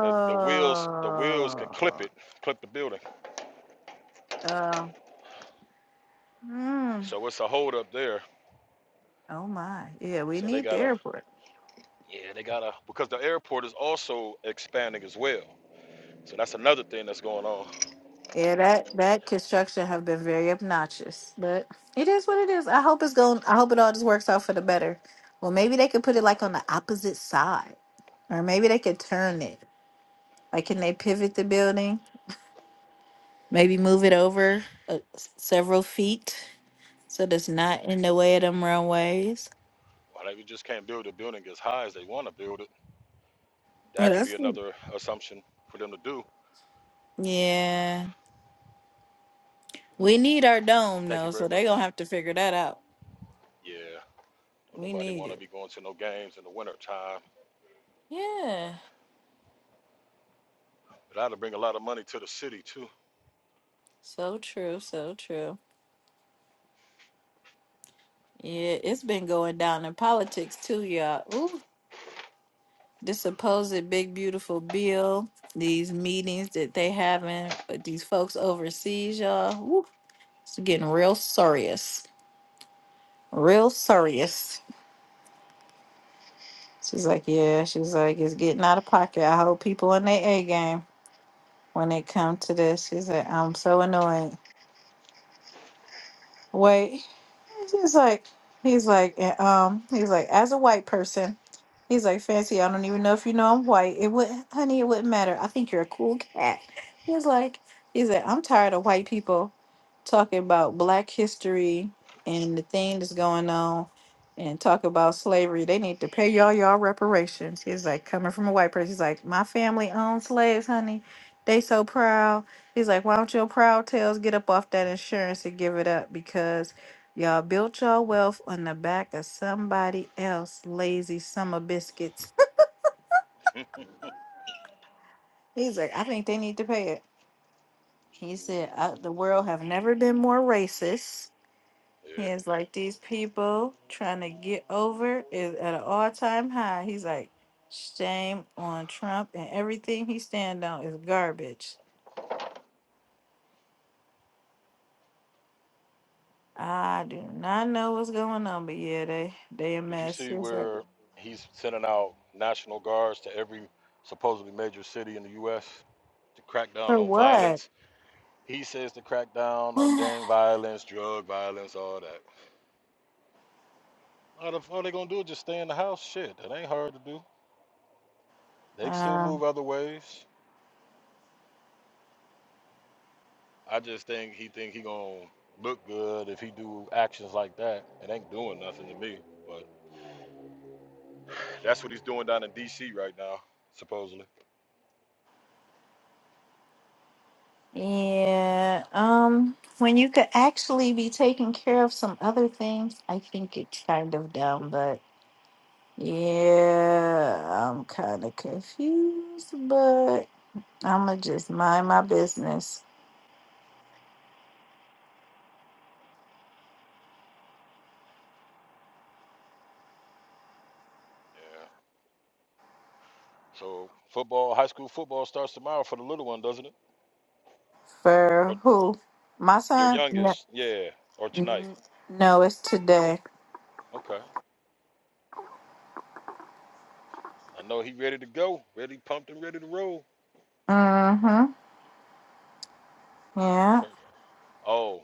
Speaker 2: the the wheels the wheels can clip it, clip the building.
Speaker 1: uh, hmm.
Speaker 2: So it's a hold up there.
Speaker 1: Oh my, yeah, we
Speaker 2: So they
Speaker 1: need the
Speaker 2: gotta,
Speaker 1: airport.
Speaker 2: yeah, they gotta because the airport is also expanding as well. So that's another thing that's going on.
Speaker 1: Yeah, that that construction have been very obnoxious, but it is what it is. I hope it's going. I hope it all just works out for the better. Well, maybe they could put it like on the opposite side, or maybe they could turn it. Like, can they pivot the building? Maybe move it over uh, s- several feet. So that's not in the way of them runways.
Speaker 2: Why they just can't build a building as high as they want to build it?
Speaker 1: But
Speaker 2: That could be
Speaker 1: that's
Speaker 2: another assumption for them to do.
Speaker 1: Yeah. We need our dome
Speaker 2: Thank you
Speaker 1: though,
Speaker 2: very
Speaker 1: so they gonna
Speaker 2: much.
Speaker 1: have to figure that out.
Speaker 2: Yeah, don't
Speaker 1: We
Speaker 2: nobody
Speaker 1: need
Speaker 2: want to
Speaker 1: it.
Speaker 2: be going to no games in the winter time.
Speaker 1: Yeah.
Speaker 2: But that'll bring a lot of money to the city too.
Speaker 1: So true, so true. Yeah, it's been going down in politics too, y'all. Ooh. This supposed big beautiful bill, these meetings that they having with these folks overseas, y'all. Ooh, it's getting real serious. Real serious. She's like, yeah, she's like, it's getting out of pocket. I hope people in their A game. when it come to this. She's said, I'm so annoying. Wait. She's like, he's like, "And, um, he's like, as a white person, he's like, fancy. I don't even know if you know I'm white. It would, honey, it wouldn't matter. I think you're a cool cat. He's like, he said, I'm tired of white people talking about Black history and the thing that's going on, and talk about slavery. They need to pay y'all y'all reparations. He's like, coming from a white person. He's like, my family owned slaves, honey. They so proud. He's like, why don't your proud tails get up off that insurance and give it up? Because y'all built your wealth on the back of somebody else' lazy summer biscuits. He's like, I think they need to pay it. He said, uh the world have never been more racist.
Speaker 2: Yeah.
Speaker 1: He is like, these people trying to get over is at an all-time high. He's like, shame on Trump and everything he stand on is garbage. I do not know what's going on, but yeah, they they a
Speaker 2: Did you
Speaker 1: mess.
Speaker 2: see
Speaker 1: He's like,
Speaker 2: where he's sending out national guards to every supposedly major city in the U.S. to crack down
Speaker 1: For
Speaker 2: on
Speaker 1: what?
Speaker 2: violence? He says to crack down on gang violence, drug violence, all that. All, the, all they gonna do is just stay in the house. Shit, that ain't hard to do. They can still
Speaker 1: Uh,
Speaker 2: move other ways. I just think he think he gonna look good if he do actions like that. It ain't doing nothing to me, but that's what he's doing down in D.C. right now, supposedly.
Speaker 1: yeah. Um, when you could actually be taking care of some other things, I think it's kind of dumb, but yeah, I'm kind of confused, but I'm gonna just mind my business.
Speaker 2: Yeah. So football, high school football starts tomorrow for the little one, doesn't it? Or
Speaker 1: For who? My
Speaker 2: your
Speaker 1: son? No,
Speaker 2: youngest? Yeah. Or tonight?
Speaker 1: n- no it's today.
Speaker 2: Okay. I know he ready to go, ready pumped and ready to roll.
Speaker 1: Mm-hmm. Yeah.
Speaker 2: For, oh,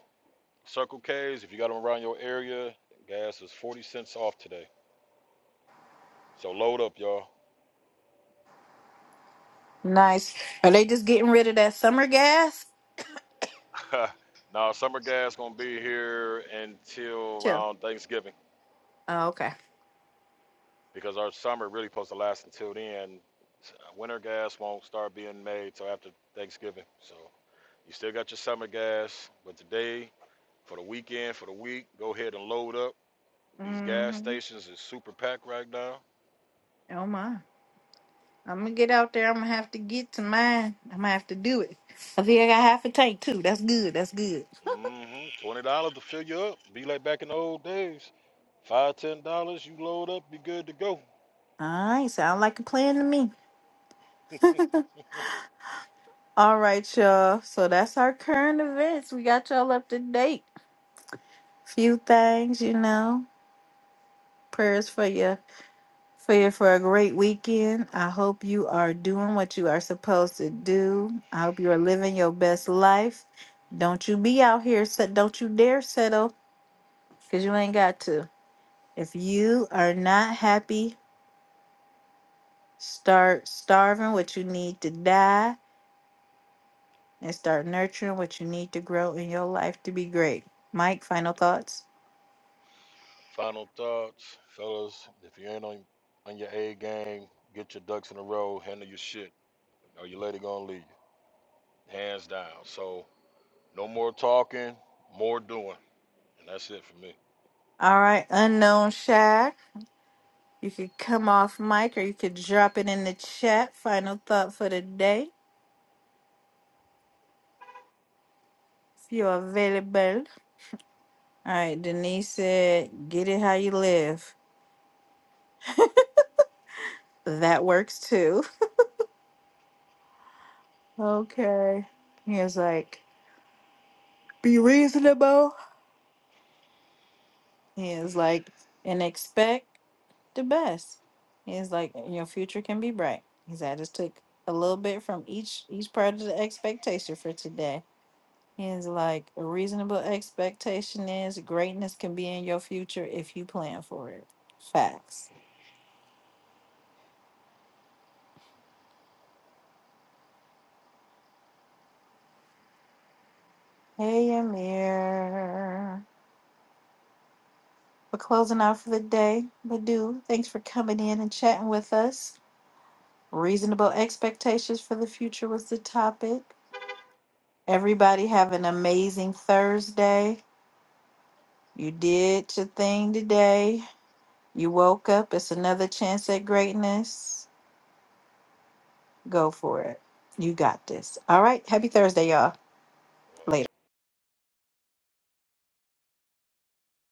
Speaker 2: Circle K's. If you got them around your area, gas is forty cents off today. So load up, y'all.
Speaker 1: Nice. Are they just getting rid of that summer gas?
Speaker 2: now summer gas gonna be here until
Speaker 1: Chill.
Speaker 2: around Thanksgiving
Speaker 1: Oh, okay.
Speaker 2: because our summer really supposed to last until then. Winter gas won't start being made till after Thanksgiving. So you still got your summer gas, but today for the weekend for the week, go ahead and load up. These gas
Speaker 1: Mm-hmm.
Speaker 2: stations is super packed right now.
Speaker 1: Oh my. I'm gonna get out there. I'm gonna have to get to mine. I'm gonna have to do it. I think I got half a tank too. That's good. That's good.
Speaker 2: hmm Twenty dollars to fill you up. Be like back in the old days. Five dollars, ten dollars, you load up, be good to go.
Speaker 1: All right, sound like a plan to me. All right, y'all. So that's our current events. We got y'all up to date. Few things, you know. Prayers for you, for you for a great weekend. I hope you are doing what you are supposed to do. I hope you are living your best life. Don't you be out here. set- Don't you dare settle, cause you ain't got to. If you are not happy Start starving what you need to die and start nurturing what you need to grow in your life to be great. Mike, final thoughts?
Speaker 2: Final thoughts, fellas. If you ain't on on your A game, get your ducks in a row, handle your shit, or your lady gonna leave you, hands down. So no more talking, more doing, and that's it for me.
Speaker 1: All right, unknown Shaq. You could come off mic or you could drop it in the chat. Final thought for the day, if you're available. All right, Denise said, get it how you live. That works too. Okay. He was like, be reasonable. He was like, and expect. the best. He's like, eh, your future can be bright. He said, I just took a little bit from each each part of the expectation for today. He's like, a reasonable expectation is greatness can be in your future if you plan for it. Facts. Hey, Amir. We're closing out for the day. Badu, thanks for coming in and chatting with us. Reasonable expectations for the future was the topic. Everybody have an amazing Thursday. You did your thing today. You woke up. It's another chance at greatness. Go for it. You got this. All right. Happy Thursday, y'all. Later.